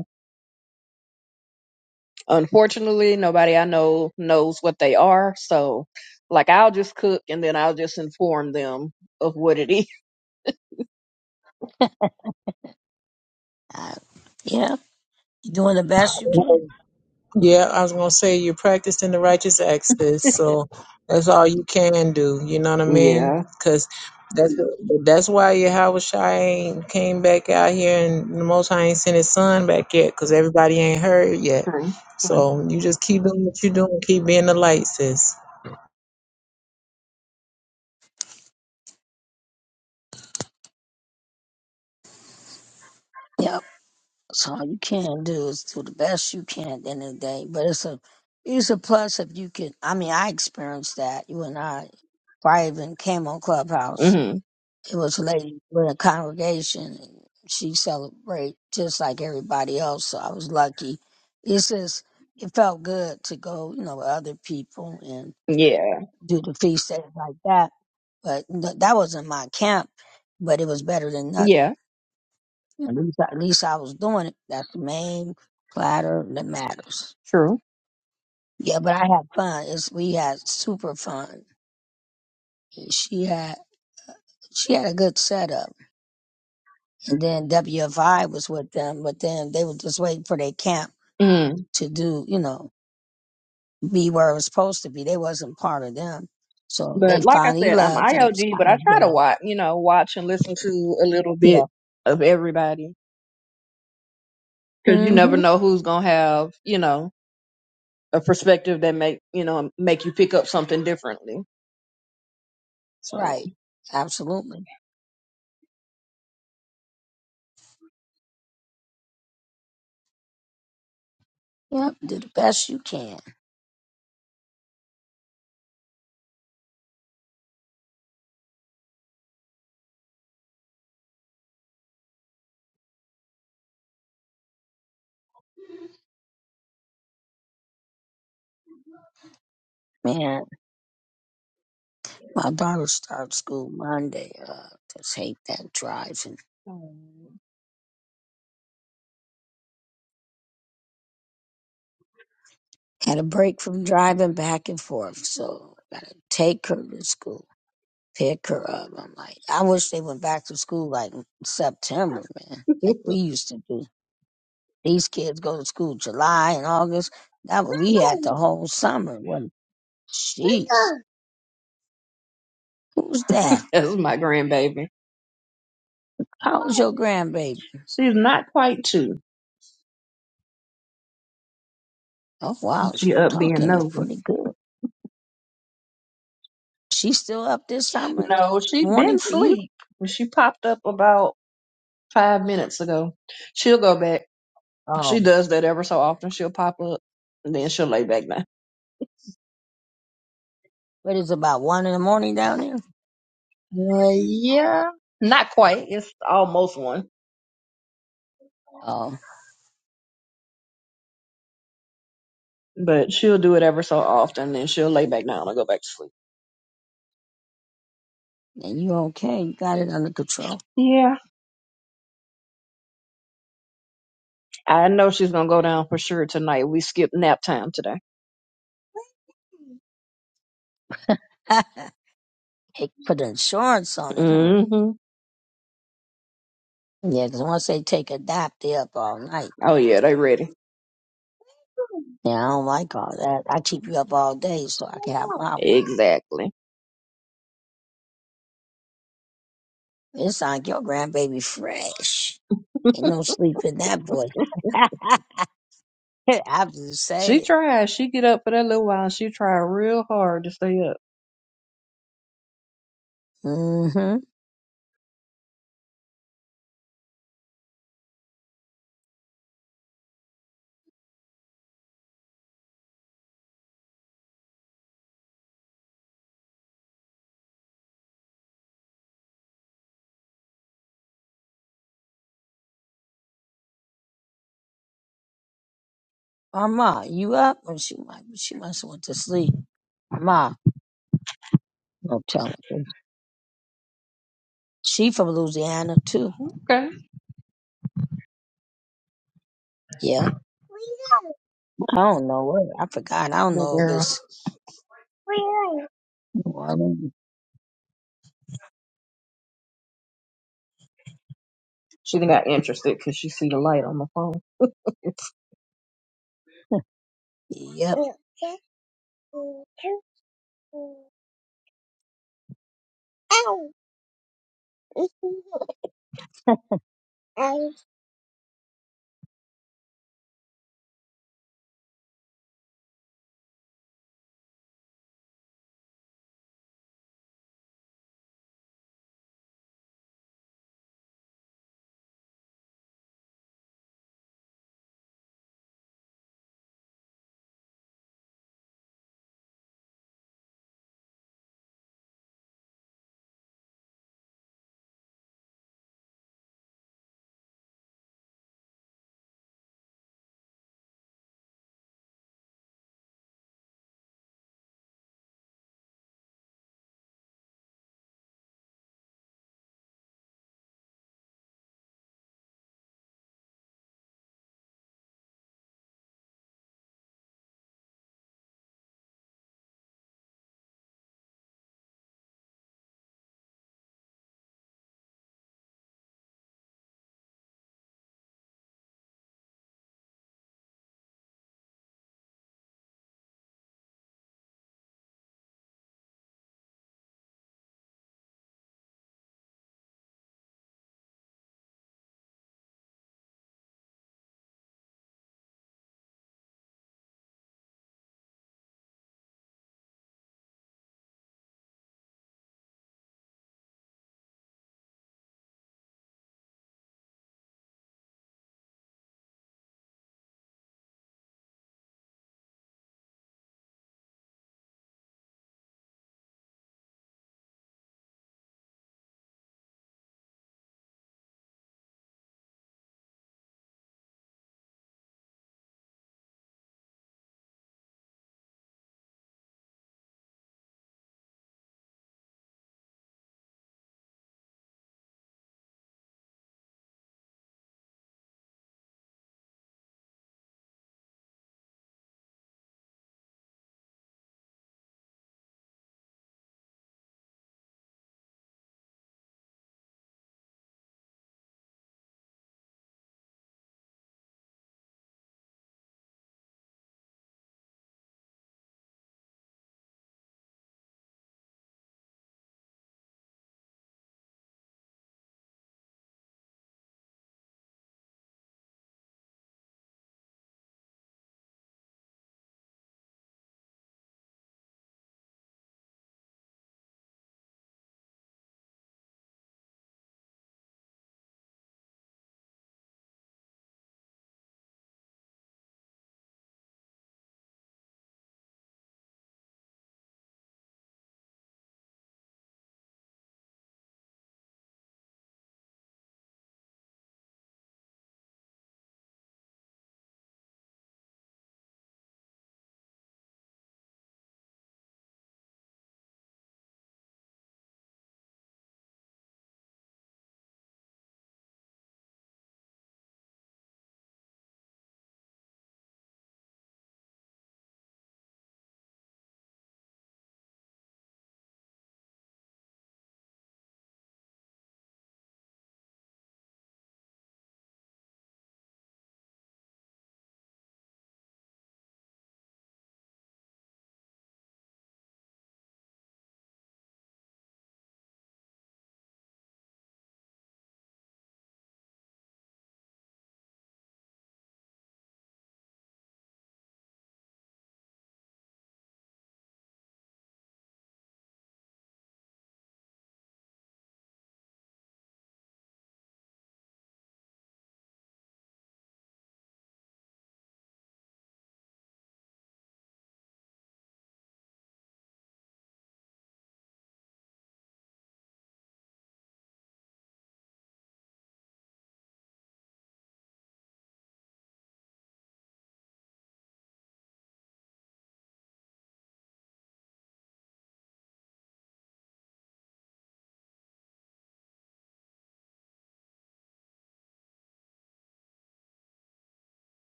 K: Unfortunately, nobody I know knows what they are. So, like, I'll just cook and then I'll just inform them of what it is.
G: I, yeah. You're doing the best you can.
F: Yeah, I was gonna say you're practicing the righteous acts, sis.
K: (laughs)
F: So that's all you can do. You know what I mean?
K: Yeah,
F: Because that's that's why Yahweh Shai ain't came back out here, and the Most High ain't sent His Son back yet, because everybody ain't heard yet.
K: true, true.
F: So you just keep doing what you're doing. Keep being the light, sis.
G: Yep. So all you can do is do the best you can at the end of the day. But it's a, it's a plus if you can. I mean, I experienced that. You and I, before I even came on Clubhouse.
K: hmm
G: It was a lady with a congregation. and She celebrate just like everybody else. So I was lucky. It's just it felt good to go, you know, with other people and
K: Yeah,
G: do the feast days like that. But no- that wasn't my camp. But it was better than nothing.
K: yeah,
G: At least, at least I was doing it. That's the main platter that matters.
K: true.
G: Yeah, but I had fun. It's, we had super fun. She had she had a good setup And then WFI was with them, but then they were just waiting for their camp
K: Mm.
G: to do, you know, be where it was supposed to be. They wasn't part of them. So they
K: But like I
G: finally
K: said, I'm
G: left and it was
K: IOG, but
G: kind
K: I
G: of
K: try to
G: dead.
K: watch, you know, watch and listen to a little bit of everybody because you
G: Yeah.
K: never
G: hmm
K: know who's gonna have, you know. a perspective that make you know make you pick up something differently. So
G: Right. Absolutely. Yep. Do the best you can. Man, my daughter starts school Monday. Uh, just hate that driving.
K: (laughs)
G: Had a break from driving back and forth. So gotta take her to school. pick her up. I'm like, I wish they went back to school like September, man. Like we used to do. These kids go to school July and August. That was, we had the whole summer. When jeez, who's that?
K: that's my grandbaby.
G: How's your grandbaby?
K: She's not quite two.
G: Oh wow, she's
K: She up being
G: talking
K: nosy.
G: pretty good. She's still up this summer
K: No, she
G: morning
K: been
G: for you.
K: sleep. She popped up about five minutes ago. She'll go back. She
G: Oh,
K: does that ever so often. She'll pop up and then she'll lay back down.
G: but it's about one in the morning down there.
K: Uh, yeah, not quite. It's almost one,
G: Oh,
K: but she'll do it ever so often. Then she'll lay back down and go back to sleep.
G: and you okay? You got it under control. (laughs)
K: Yeah. I know she's gonna go down for sure tonight. We skipped nap time today.
G: Hey, put insurance on it, huh?
K: hmm
G: Yeah, 'cause once they take a nap, they up all night.
K: Oh yeah, they ready.
G: Yeah, I don't like all that. I keep you up all day so I can have my way.
K: Exactly.
G: It's like your grandbaby fresh. Ain't no sleep in that boy. (laughs) I'm just
K: She
G: saying.
K: tried. She get up for that little while. She tried real hard to stay up.
G: Mm-hmm. Mama, you up? Well, she might, she must have went to sleep. Mama, don't tell me this. She from Louisiana too.
K: Okay.
G: Yep. I don't know where. I forgot. I don't
K: Good
G: know if
K: girl.
G: it's. New Orleans.
K: She done got interested because she see the light on the phone.
G: (laughs) Yep.
K: (laughs)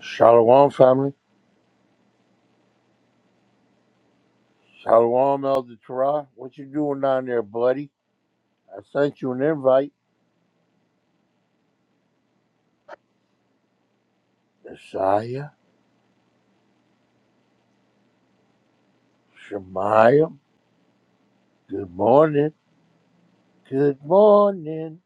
L: Shalom, family. Shalom, Elder Torah. What you doing down there, buddy? I sent you an invite. Messiah, Shemaiah, good morning. Good morning.